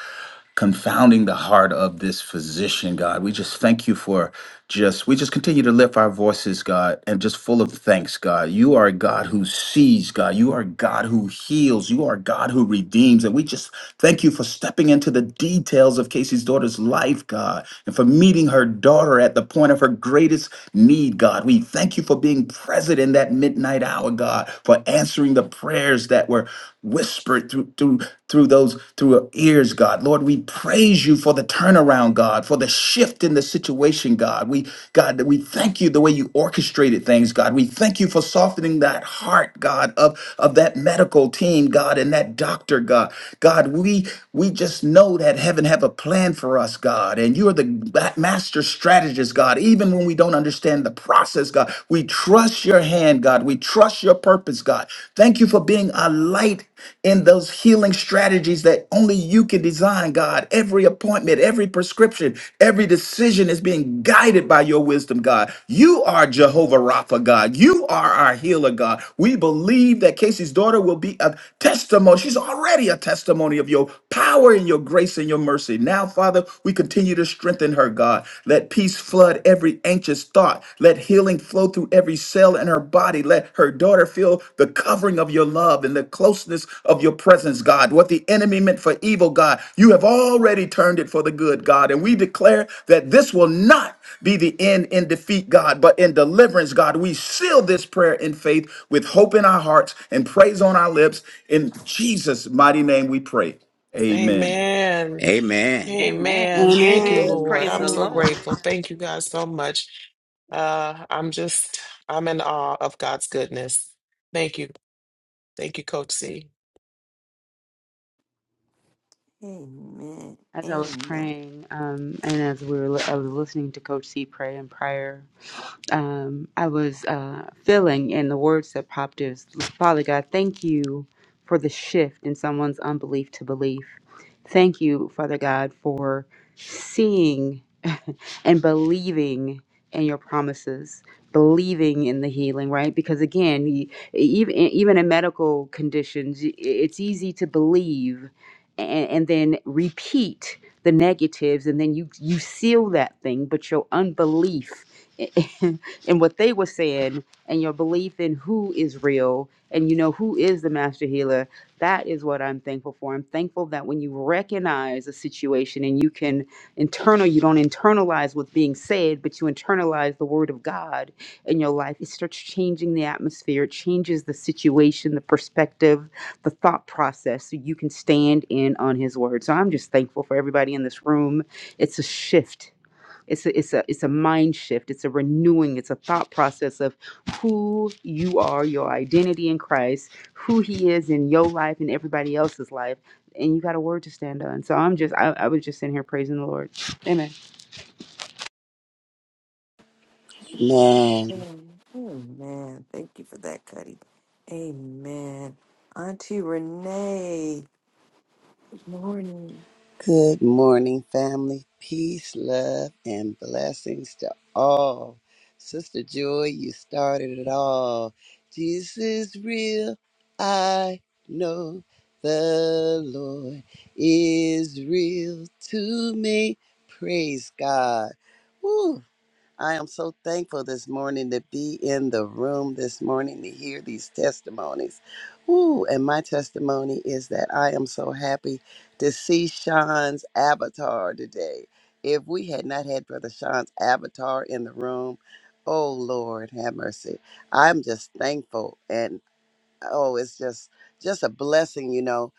Speaker 5: confounding the heart of this physician, God. We just thank you for just, we just continue to lift our voices, God, and just full of thanks, God. You are a God who sees, God. You are a God who heals. You are a God who redeems. And we just thank you for stepping into the details of Casey's daughter's life, God, and for meeting her daughter at the point of her greatest need, God. We thank you for being present in that midnight midnight hour, God, for answering the prayers that were whispered through through through those through our ears, God. Lord, we praise you for the turnaround, God, for the shift in the situation, God. We God, that we thank you the way you orchestrated things, God. We thank you for softening that heart, God, of of that medical team, God, and that doctor, God. God, we we just know that heaven have a plan for us, God, and you're the ma- master strategist, God, even when we don't understand the process, God. We trust your hand, God. We trust your purpose, God. Thank you for being a light in those healing strategies that only you can design, God. Every appointment, every prescription, every decision is being guided by your wisdom, God. You are Jehovah Rapha, God. You are our healer, God. We believe that Casey's daughter will be a testimony. She's already a testimony of your power and your grace and your mercy. Now, Father, we continue you to strengthen her, God. Let peace flood every anxious thought. Let healing flow through every cell in her body. Let her daughter feel the covering of your love and the closeness of your presence, God. What the enemy meant for evil, God, you have already turned it for the good, God. And we declare that this will not be the end in defeat, God, but in deliverance, God. We seal this prayer in faith with hope in our hearts and praise on our lips. In Jesus' mighty name we pray. Amen.
Speaker 9: Amen.
Speaker 4: Amen.
Speaker 2: Amen.
Speaker 9: Amen. Thank you,
Speaker 6: Amen.
Speaker 9: Lord.
Speaker 2: Praise
Speaker 9: I'm
Speaker 2: the
Speaker 6: Amen.
Speaker 9: so
Speaker 2: Lord.
Speaker 1: Amen.
Speaker 9: grateful. Thank you guys so much. Uh, I'm just, I'm in awe of God's goodness. Thank you. Thank you, Coach C.
Speaker 1: Amen.
Speaker 6: As I was
Speaker 1: Amen.
Speaker 6: praying, um, and as we were, I was listening to Coach C pray in prayer. um, I was uh, feeling, and the words that popped is Father God, thank you for the shift in someone's unbelief to belief. Thank you, Father God, for seeing <laughs> and believing in your promises, believing in the healing, right? Because again, y- even e, even in medical conditions, y- it's easy to believe and, and then repeat the negatives, and then you you seal that thing, but your unbelief. <laughs> and what they were saying and your belief in who is real and you know who is the master healer that is what i'm thankful for i'm thankful that when you recognize a situation and you can internal you don't internalize what's being said but you internalize the word of god in your life it starts changing the atmosphere it changes the situation the perspective the thought process so you can stand in on his word so i'm just thankful for everybody in this room it's a shift it's a, it's a it's a mind shift. It's a renewing. It's a thought process of who you are, your identity in Christ, who He is in your life and everybody else's life, and you got a word to stand on. So I'm just I, I was just sitting here praising the Lord. Amen.
Speaker 8: Man,
Speaker 1: Amen. Amen. Thank you for that, Cuddy. Amen. Auntie Renee. Morning.
Speaker 8: good morning, family. Peace, love, and blessings to all. Sister Joy, you started it all. Jesus is real. I know the Lord is real to me. Praise God. Woo. I am so thankful this morning to be in the room this morning to hear these testimonies. Ooh, and my testimony is that I am so happy to see Sean's avatar today. If we had not had Brother Sean's avatar in the room, oh Lord, have mercy. I'm just thankful and oh, it's just just a blessing, you know,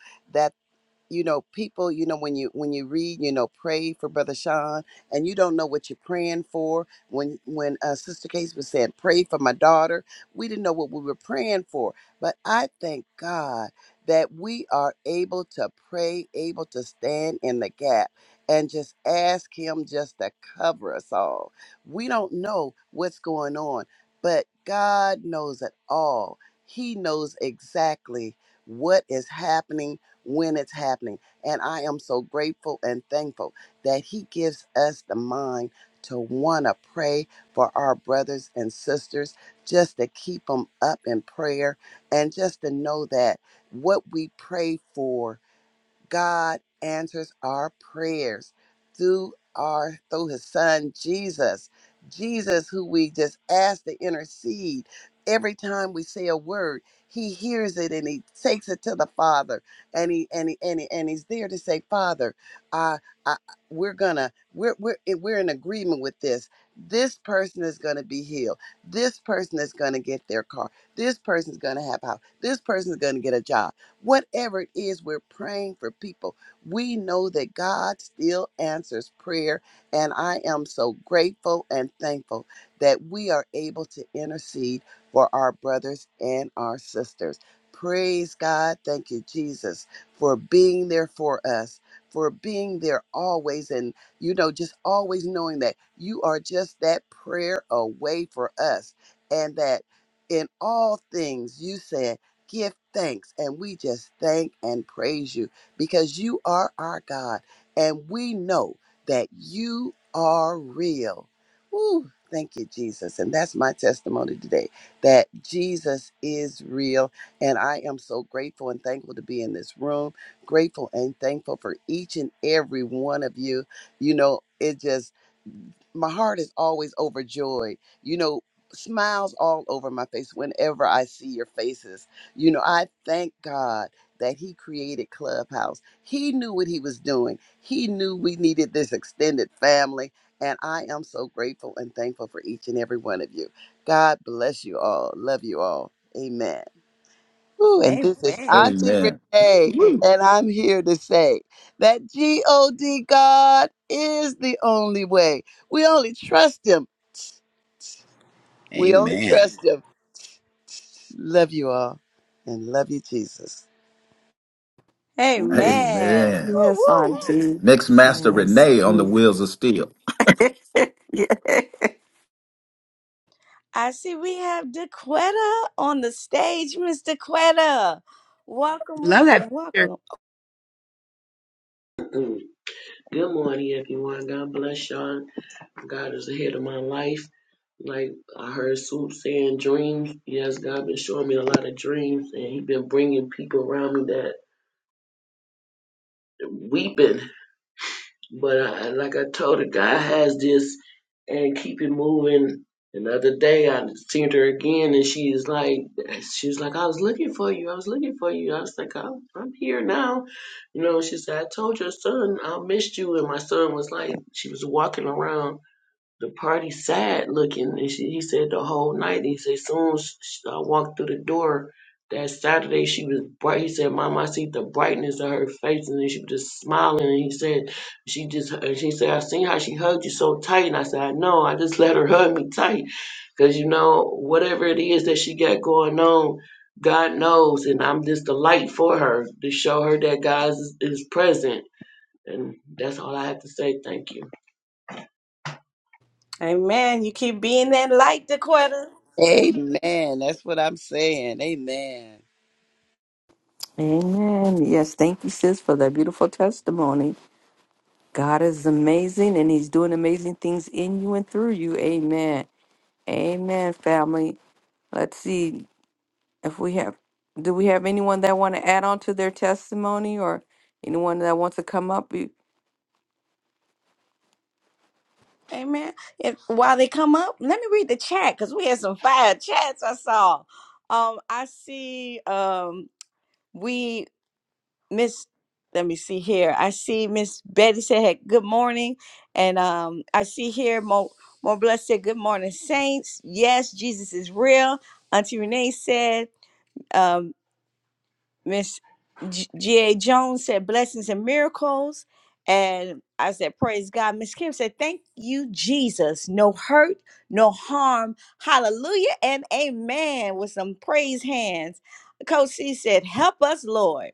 Speaker 8: you know people you know when you when you read you know pray for brother sean and you don't know what you're praying for when when uh, sister case was saying pray for my daughter we didn't know what we were praying for but i thank god that we are able to pray able to stand in the gap and just ask him just to cover us all we don't know what's going on but god knows it all he knows exactly what is happening when it's happening. And I am so grateful and thankful that He gives us the mind to want to pray for our brothers and sisters, just to keep them up in prayer, and just to know that what we pray for. God answers our prayers through our through his son Jesus. Jesus who we just ask to intercede every time we say a word, he hears it and he takes it to the Father and he and he and, he, and he's there to say, "Father, I, I we're going to we're we're we're in agreement with this. This person is going to be healed. This person is going to get their car. This person's going to have a house. This person's going to get a job Whatever it is we're praying for people, we know that God still answers prayer. And I am so grateful and thankful that we are able to intercede for our brothers and our sisters. Praise God. Thank you, Jesus, for being there for us, for being there always. And, you know, just always knowing that you are just that prayer away for us and that in all things you said give thanks and we just thank and praise you because you are our God and we know that you are real. Woo, thank you, Jesus. And that's my testimony today that Jesus is real. And I am so grateful and thankful to be in this room, grateful and thankful for each and every one of you. You know, it just my heart is always overjoyed. You know, smiles all over my face whenever I see your faces. You know, I thank God that He created Clubhouse. He knew what He was doing, He knew we needed this extended family. And I am so grateful and thankful for each and every one of you. God bless you all. Love you all. Amen. Ooh, and this is
Speaker 2: Amen.
Speaker 8: Auntie
Speaker 5: Amen.
Speaker 8: Renee,
Speaker 5: Woo.
Speaker 8: and I'm here to say that God God is the only way. We only trust Him. We only
Speaker 4: Amen.
Speaker 8: trust Him. Love you all, and love you, Jesus.
Speaker 1: Mm.
Speaker 2: Amen.
Speaker 5: Amen.
Speaker 2: Woo
Speaker 1: Yes,
Speaker 2: woo.
Speaker 1: Auntie.
Speaker 5: Next master
Speaker 1: Yes.
Speaker 5: Renee on the wheels of steel.
Speaker 1: <laughs>
Speaker 2: I see we have DeQuetta on the stage, Miss DeQuetta. Welcome,
Speaker 6: Love
Speaker 2: welcome,
Speaker 6: that
Speaker 2: welcome.
Speaker 10: Mm. Good morning, everyone. God bless y'all. God is ahead of my life. Like I heard Soup saying, dreams. Yes, God been showing me a lot of dreams, and He been bringing people around me that weeping. But I, like I told her, God has this, and keep it moving. Another day, I seen her again, and she is like, she was like, I was looking for you. I was looking for you. I was like, I'm, I'm here now. You know, she said, I told your son I missed you, and my son was like, she was walking around The party sad looking, and she, he said the whole night. He said soon as I walked through the door that Saturday, she was bright. He said, "Mom, I see the brightness of her face," and then she was just smiling. And he said, "She just," and she said, "I seen how she hugged you so tight." And I said, "I know. I just <laughs> let her hug me tight, cause you know whatever it is that she got going on." God knows, and I'm just the light for her to show her that God is, is present. And that's all I have to say. Thank you.
Speaker 2: Amen. You keep being that light, DeQuetta.
Speaker 8: Amen. That's what I'm saying. Amen.
Speaker 1: Amen. Yes, thank you, sis, for that beautiful testimony. God is amazing and He's doing amazing things in you and through you. Amen. Amen, family. Let's see if we have do we have anyone that want to add on to their testimony or anyone that wants to come up?
Speaker 2: Amen. If while they come up, let me read the chat because we had some fire chats I saw. Um, I see um we miss let me see here. I see Miss Betty said hey, good morning. And um I see here Mo More Blessed said good morning, Saints. Yes, Jesus is real. Auntie Renee said um, Miss G- G.A. Jones said blessings and miracles. And I said, Praise God. Miss Kim said, Thank you, Jesus. No hurt, no harm. Hallelujah and amen. With some praise hands. Coach C said, Help us, Lord.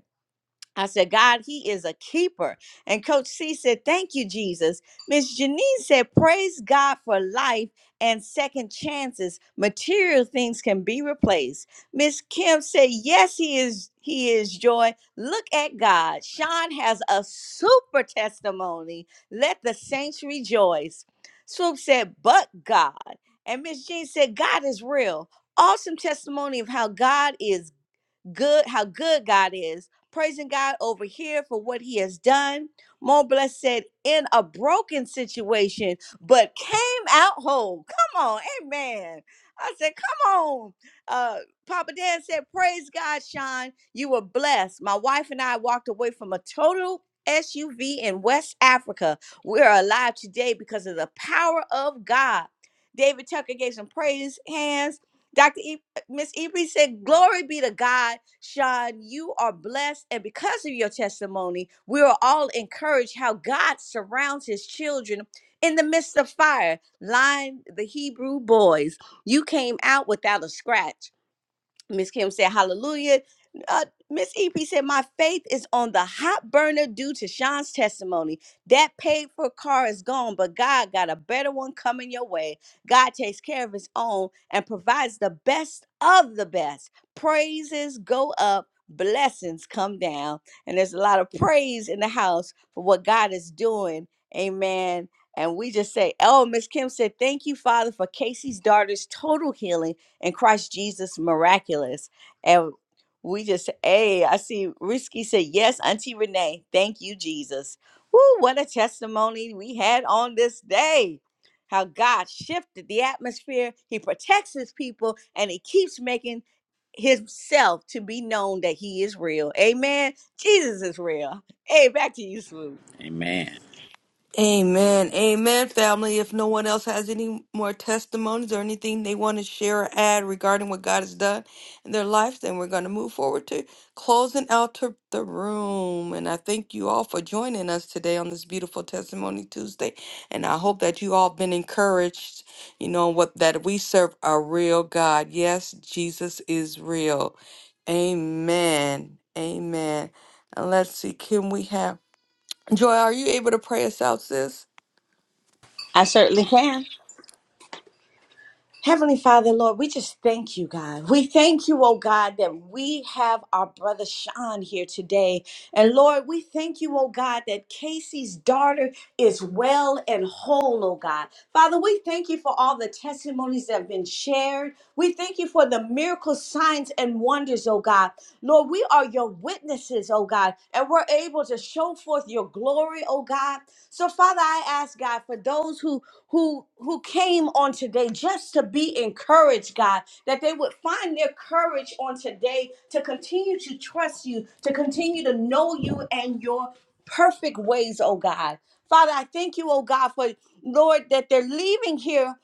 Speaker 2: I said, God, He is a keeper. And Coach C said, Thank you, Jesus. Miss Janine said, Praise God for life and second chances. Material things can be replaced. Miss Kim said, Yes, He is. He is joy. Look at God. Sean has a super testimony. Let the saints rejoice. Swoop said, But God. And Miss Jean said, God is real. Awesome testimony of how God is good how good God is, praising God over here for what he has done. Montbless said, in a broken situation, but came out whole. Come on, amen. I said, come on. Uh, Papa Dan said, praise God, Sean. You were blessed. My wife and I walked away from a total SUV in West Africa. We're alive today because of the power of God. David Tucker gave some praise hands. Dr. Miss Ebri said, Glory be to God, Sean. You are blessed. And because of your testimony, we are all encouraged how God surrounds his children in the midst of fire. Line the Hebrew boys. You came out without a scratch. Miss Kim said, Hallelujah. Uh, Miss EP said, My faith is on the hot burner due to Sean's testimony. That paid for car is gone, but God got a better one coming your way. God takes care of his own and provides the best of the best. Praises go up, blessings come down. And there's a lot of praise in the house for what God is doing. Amen. And we just say, Oh, Miss Kim said, Thank you, Father, for Casey's daughter's total healing and Christ Jesus miraculous. And we just, hey, I see Risky said, yes, Auntie Renee, thank you, Jesus. Woo, what a testimony we had on this day. How God shifted the atmosphere. He protects his people and he keeps making himself to be known that he is real. Amen. Jesus is real. Hey, back to you, Swoop.
Speaker 4: Amen.
Speaker 1: Amen. Amen, family. If no one else has any more testimonies or anything they want to share or add regarding what God has done in their lives, then we're going to move forward to closing out to the room. And I thank you all for joining us today on this beautiful Testimony Tuesday. And I hope that you all been encouraged, you know, what that we serve a real God. Yes, Jesus is real. Amen. Amen. And let's see, can we have Joy, are you able to pray us out, sis?
Speaker 2: I certainly can. Heavenly Father, Lord, we just thank you, God. We thank you, oh God, that we have our brother Sean here today. And Lord, we thank you, oh God, that Casey's daughter is well and whole, oh God. Father, we thank you for all the testimonies that have been shared. We thank you for the miracle signs and wonders, oh God. Lord, we are your witnesses, oh God, and we're able to show forth your glory, oh God. So, Father, I ask God for those who who who came on today just to be encouraged god that they would find their courage on today to continue to trust you to continue to know you and your perfect ways oh god father i thank you oh god for lord that they're leaving here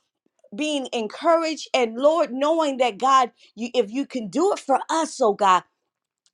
Speaker 2: being encouraged and lord knowing that god you if you can do it for us oh god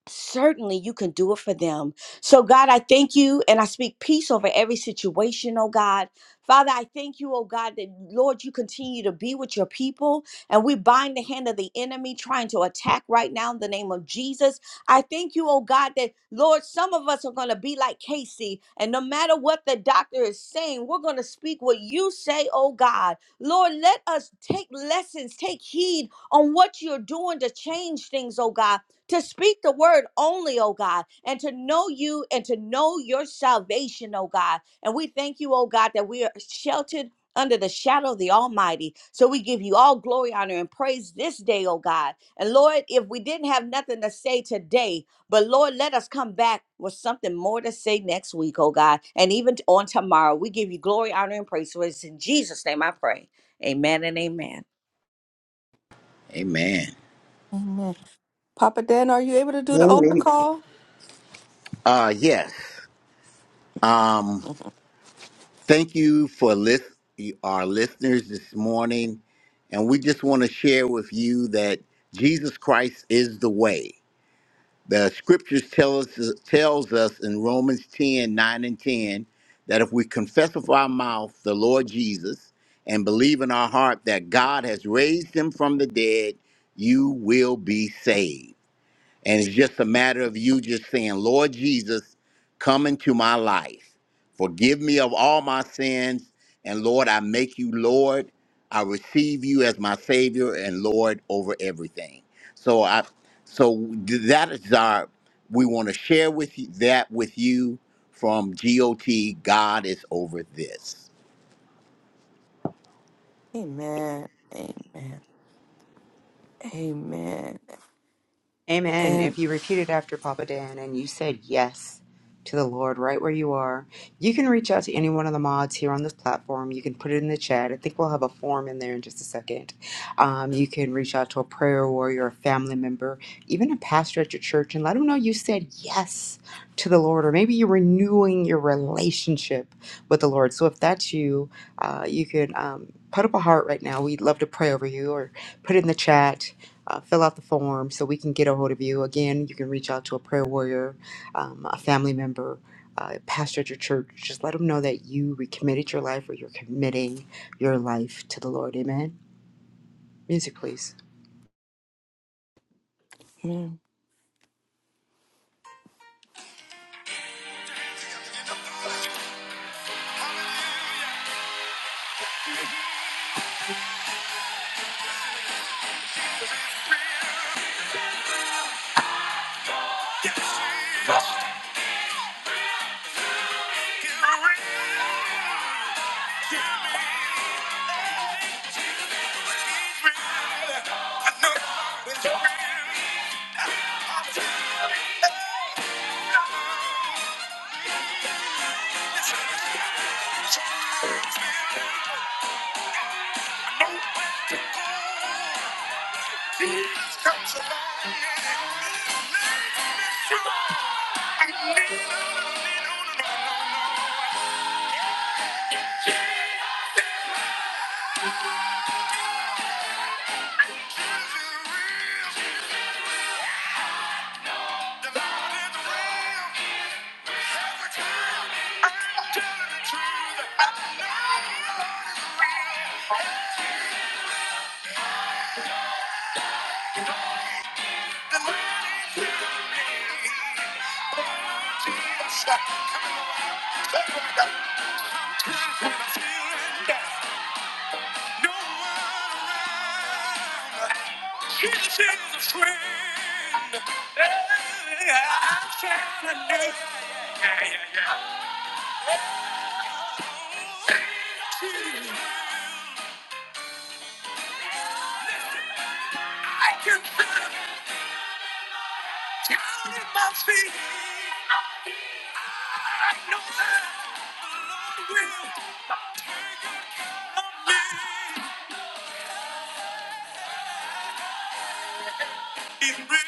Speaker 2: certainly you can do it for them. So, God, I thank you and I speak peace over every situation, oh God. Father, I thank you, oh God, that Lord, you continue to be with your people and we bind the hand of the enemy trying to attack right now in the name of Jesus. I thank you, oh God, that Lord, some of us are going to be like Casey and no matter what the doctor is saying, we're going to speak what you say, oh God. Lord, let us take lessons, take heed on what you're doing to change things, oh God to speak the word only, oh God, and to know you and to know your salvation, oh God. And we thank you, oh God, that we are sheltered under the shadow of the Almighty. So we give you all glory, honor, and praise this day, oh God. And Lord, if we didn't have nothing to say today, but Lord, let us come back with something more to say next week, oh God, and even on tomorrow. We give you glory, honor, and praise. So it's in Jesus' name I pray. Amen and amen.
Speaker 4: Amen.
Speaker 1: Amen. Papa Dan, are you able to do the altar
Speaker 11: Amen.
Speaker 1: call?
Speaker 4: Uh yes. Um
Speaker 1: <laughs>
Speaker 4: thank you for list our listeners this morning and we just want to share with you that Jesus Christ is the way. The scriptures tell us tells us in Romans 10 9 and 10 that if we confess with our mouth the Lord Jesus and believe in our heart that God has raised him from the dead, you will be saved. And it's just a matter of you just saying, Lord Jesus, come into my life. Forgive me of all my sins. And Lord, I make you Lord. I receive you as my Savior and Lord over everything. So I so that is our we want to share with you that with you from GOT. God is over this.
Speaker 1: Amen. Amen. Amen.
Speaker 6: Amen. If
Speaker 1: And
Speaker 6: you repeated after Papa Dan and you said yes to the Lord right where you are, you can reach out to any one of the mods here on this platform. You can put it in the chat. I think we'll have a form in there in just a second. Um, you can reach out to a prayer warrior, a family member, even a pastor at your church, and let them know you said yes to the Lord, or maybe you're renewing your relationship with the Lord. So if that's you, uh, you can um, put up a heart right now. We'd love to pray over you, or put it in the chat. Uh, fill out the form so we can get a hold of you. Again, you can reach out to a prayer warrior, um, a family member, uh, pastor at your church. Just let them know that you recommitted your life or you're committing your life to the Lord. Amen. Music, please.
Speaker 1: I'm feeling down. No one around. Jesus is a friend. Hey, I'm trying to do. Yeah, yeah, yeah. I can feel down in my feet. I know that the Lord will take care of me. He's real.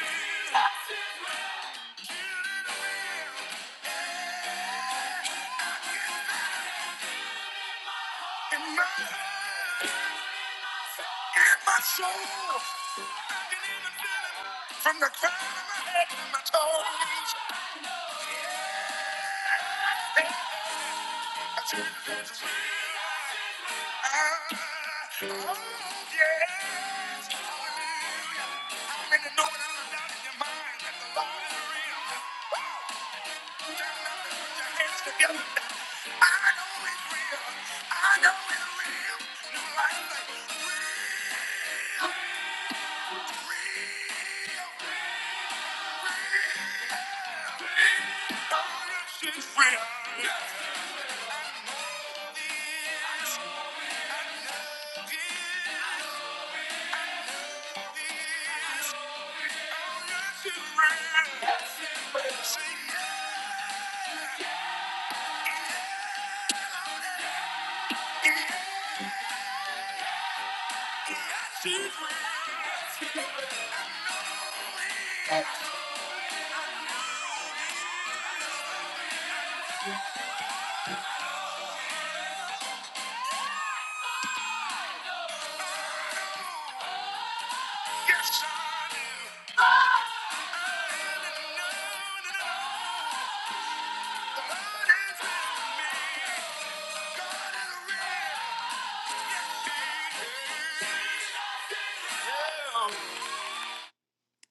Speaker 1: in my And my soul. I can even feel it from the crown of my head to my toes. I tell you this is real. Ah, Oh, yes. Hallelujah. How many know without a doubt in your mind that the Lord is real? Woo! Down on it, put your hands together. I know it's real. I know it's real. Your life is real. It's real. Yes, I do. No, no, no, no.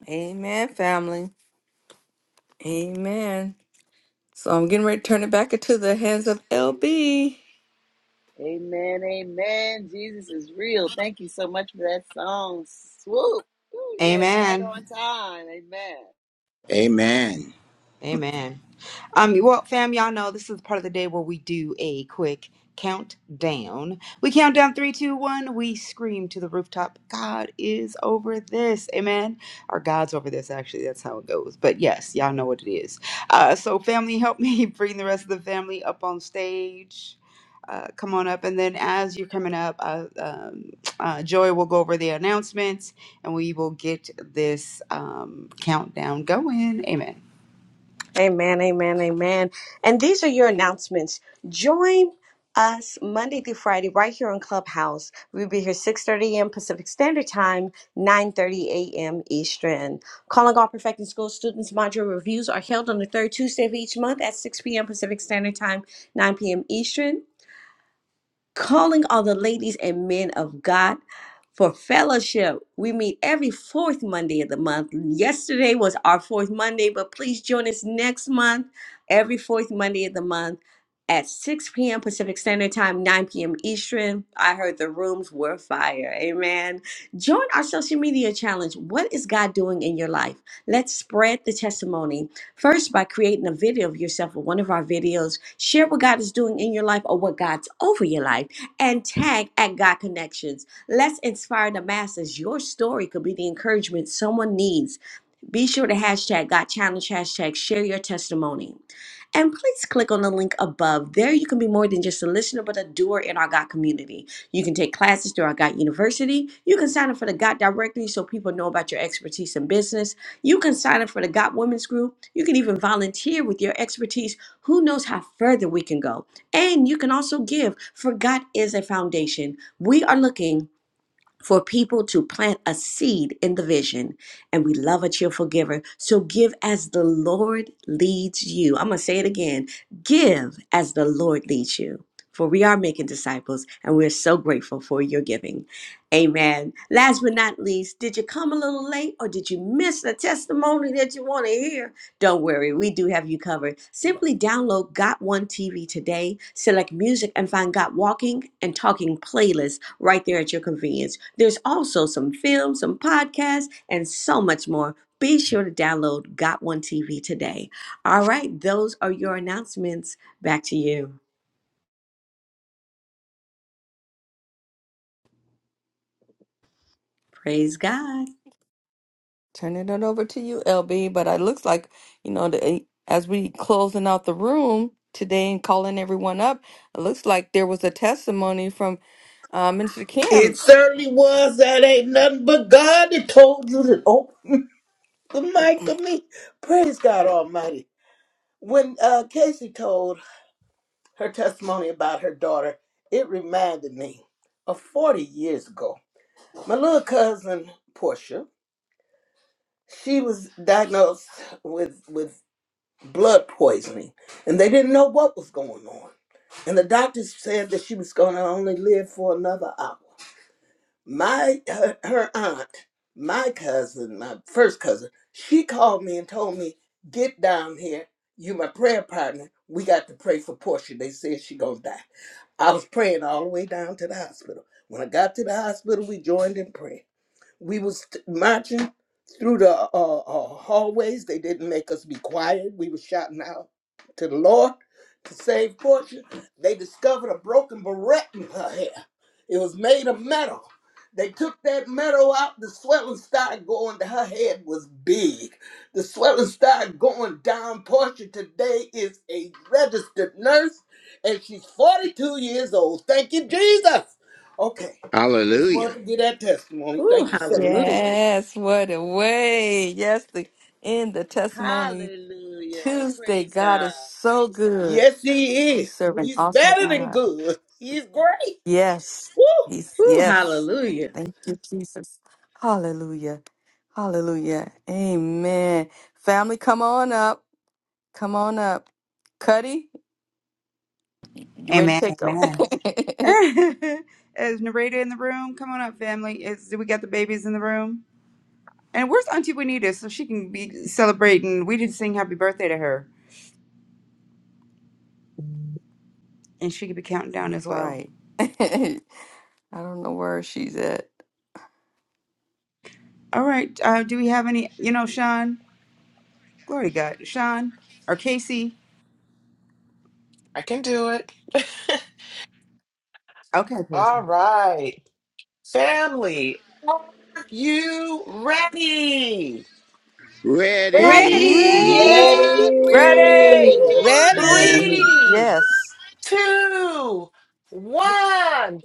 Speaker 1: Amen, family. Amen. So I'm getting ready to turn it back into the hands of LB.
Speaker 8: Amen, amen. Jesus is real. Thank you so much for that song, Swoop. Ooh, yes, right
Speaker 6: Amen.
Speaker 8: on time. Amen.
Speaker 4: Amen.
Speaker 6: Amen. Um, well, fam, y'all know this is the part of the day where we do a quick countdown. We count down three, two, one. We scream to the rooftop. God is over this. Amen. Or God's over this. Actually, that's how it goes. But yes, y'all know what it is. Uh, so family, help me <laughs> bring the rest of the family up on stage. Uh, come on up, and then as you're coming up, uh, um, uh, Joy will go over the announcements, and we will get this um, countdown going. Amen.
Speaker 2: Amen, amen, amen. And these are your announcements. Join us Monday through Friday right here on Clubhouse. We'll be here 6.30 a.m. Pacific Standard Time, 9.30 a.m. Eastern. Calling all Perfecting School students module reviews are held on the third Tuesday of each month at 6 p.m. Pacific Standard Time, 9 p.m. Eastern calling all the ladies and men of God for fellowship. We meet every fourth Monday of the month. Yesterday was our fourth Monday, but please join us next month, every fourth Monday of the month at 6 p.m. Pacific Standard Time, 9 p.m. Eastern. I heard the rooms were fire. Amen. Join our social media challenge. What is God doing in your life? Let's spread the testimony First, by creating a video of yourself or one of our videos, share what God is doing in your life or what God's over your life, and tag at God Connections. Let's inspire the masses. Your story could be the encouragement someone needs. Be sure to hashtag Got Challenge, hashtag share your testimony. And please click on the link above. There you can be more than just a listener, but a doer in our GOT community. You can take classes through our GOT University. You can sign up for the GOT directory so people know about your expertise in business. You can sign up for the GOT Women's Group. You can even volunteer with your expertise. Who knows how further we can go? And you can also give, for GOT is a foundation. We are looking for people to plant a seed in the vision. And we love a cheerful giver. So give as the Lord leads you. I'm going to say it again give as the Lord leads you. For we are making disciples and we're so grateful for your giving. Amen. Last but not least, did you come a little late or did you miss the testimony that you want to hear? Don't worry, we do have you covered. Simply download Got One TV today, select music, and find Got Walking and Talking playlist right there at your convenience. There's also some films, some podcasts, and so much more. Be sure to download Got One TV today. All right, those are your announcements. Back to you. Praise God.
Speaker 1: Turning it over to you, LB. But it looks like, you know, the, as we closing out the room today and calling everyone up, it looks like there was a testimony from uh, Minister
Speaker 11: It
Speaker 1: Kim.
Speaker 11: certainly was. That ain't nothing but God that told you to open the mic for me. Praise God Almighty. When uh, Casey told her testimony about her daughter, it reminded me of 40 years ago. My little cousin, Portia, she was diagnosed with, with blood poisoning, and they didn't know what was going on. And the doctors said that she was going to only live for another hour. my her, her aunt, my cousin, my first cousin, she called me and told me, "Get down here. You my prayer partner. We got to pray for Portia. They said she gonna die." I was praying all the way down to the hospital. When I got to the hospital, we joined in prayer. We was t- marching through the uh, uh, hallways. They didn't make us be quiet. We was shouting out to the Lord to save Portia. They discovered a broken barrette in her hair. It was made of metal. They took that metal out. The swelling started going. to Her head was big. The swelling started going down. Portia today is a registered nurse, and she's 42 years old. Thank you, Jesus. Okay. I Just
Speaker 4: Hallelujah.
Speaker 11: wanted to get that testimony.
Speaker 2: Ooh,
Speaker 11: Thank you so much.
Speaker 2: hallelujah.
Speaker 1: Yes, what a way. Yes, the in the testimony
Speaker 8: Hallelujah.
Speaker 1: Tuesday.
Speaker 8: Praise
Speaker 1: God
Speaker 8: God.
Speaker 1: is so good.
Speaker 11: Yes, he
Speaker 1: We
Speaker 11: is.
Speaker 1: serve an
Speaker 11: He's
Speaker 1: awesome
Speaker 11: better than
Speaker 1: God.
Speaker 11: good. He's great.
Speaker 1: Yes.
Speaker 11: Woo!
Speaker 1: He's
Speaker 2: Ooh,
Speaker 1: yes.
Speaker 2: hallelujah.
Speaker 1: Thank you, Jesus. Hallelujah. Hallelujah. Amen. Family, come on up. Come on up. Cuddy, you ready to
Speaker 6: Amen.
Speaker 1: take over?
Speaker 6: Amen.
Speaker 1: <laughs>
Speaker 6: <laughs> Is Narada in the room? Come on up, family. Is do we got the babies in the room? And where's Auntie Juanita so she can be celebrating? We did sing happy birthday to her, and she could be counting
Speaker 1: All
Speaker 6: down as well.
Speaker 1: right. <laughs> I don't know where she's at.
Speaker 6: All right. Uh, do we have any? You know, Sean. Glory to God, Sean or Casey.
Speaker 9: I can do it. <laughs>
Speaker 6: Okay,
Speaker 9: All
Speaker 6: Casey.
Speaker 9: right. Family, are you ready?
Speaker 4: Ready.
Speaker 1: Ready.
Speaker 12: Ready?
Speaker 2: Ready?
Speaker 8: Yes, we're
Speaker 6: Ready!
Speaker 10: Ready.
Speaker 8: ready,
Speaker 11: Ready?
Speaker 10: Hallelujah.
Speaker 8: Casey.
Speaker 9: Three,
Speaker 1: Yes.
Speaker 9: two, one.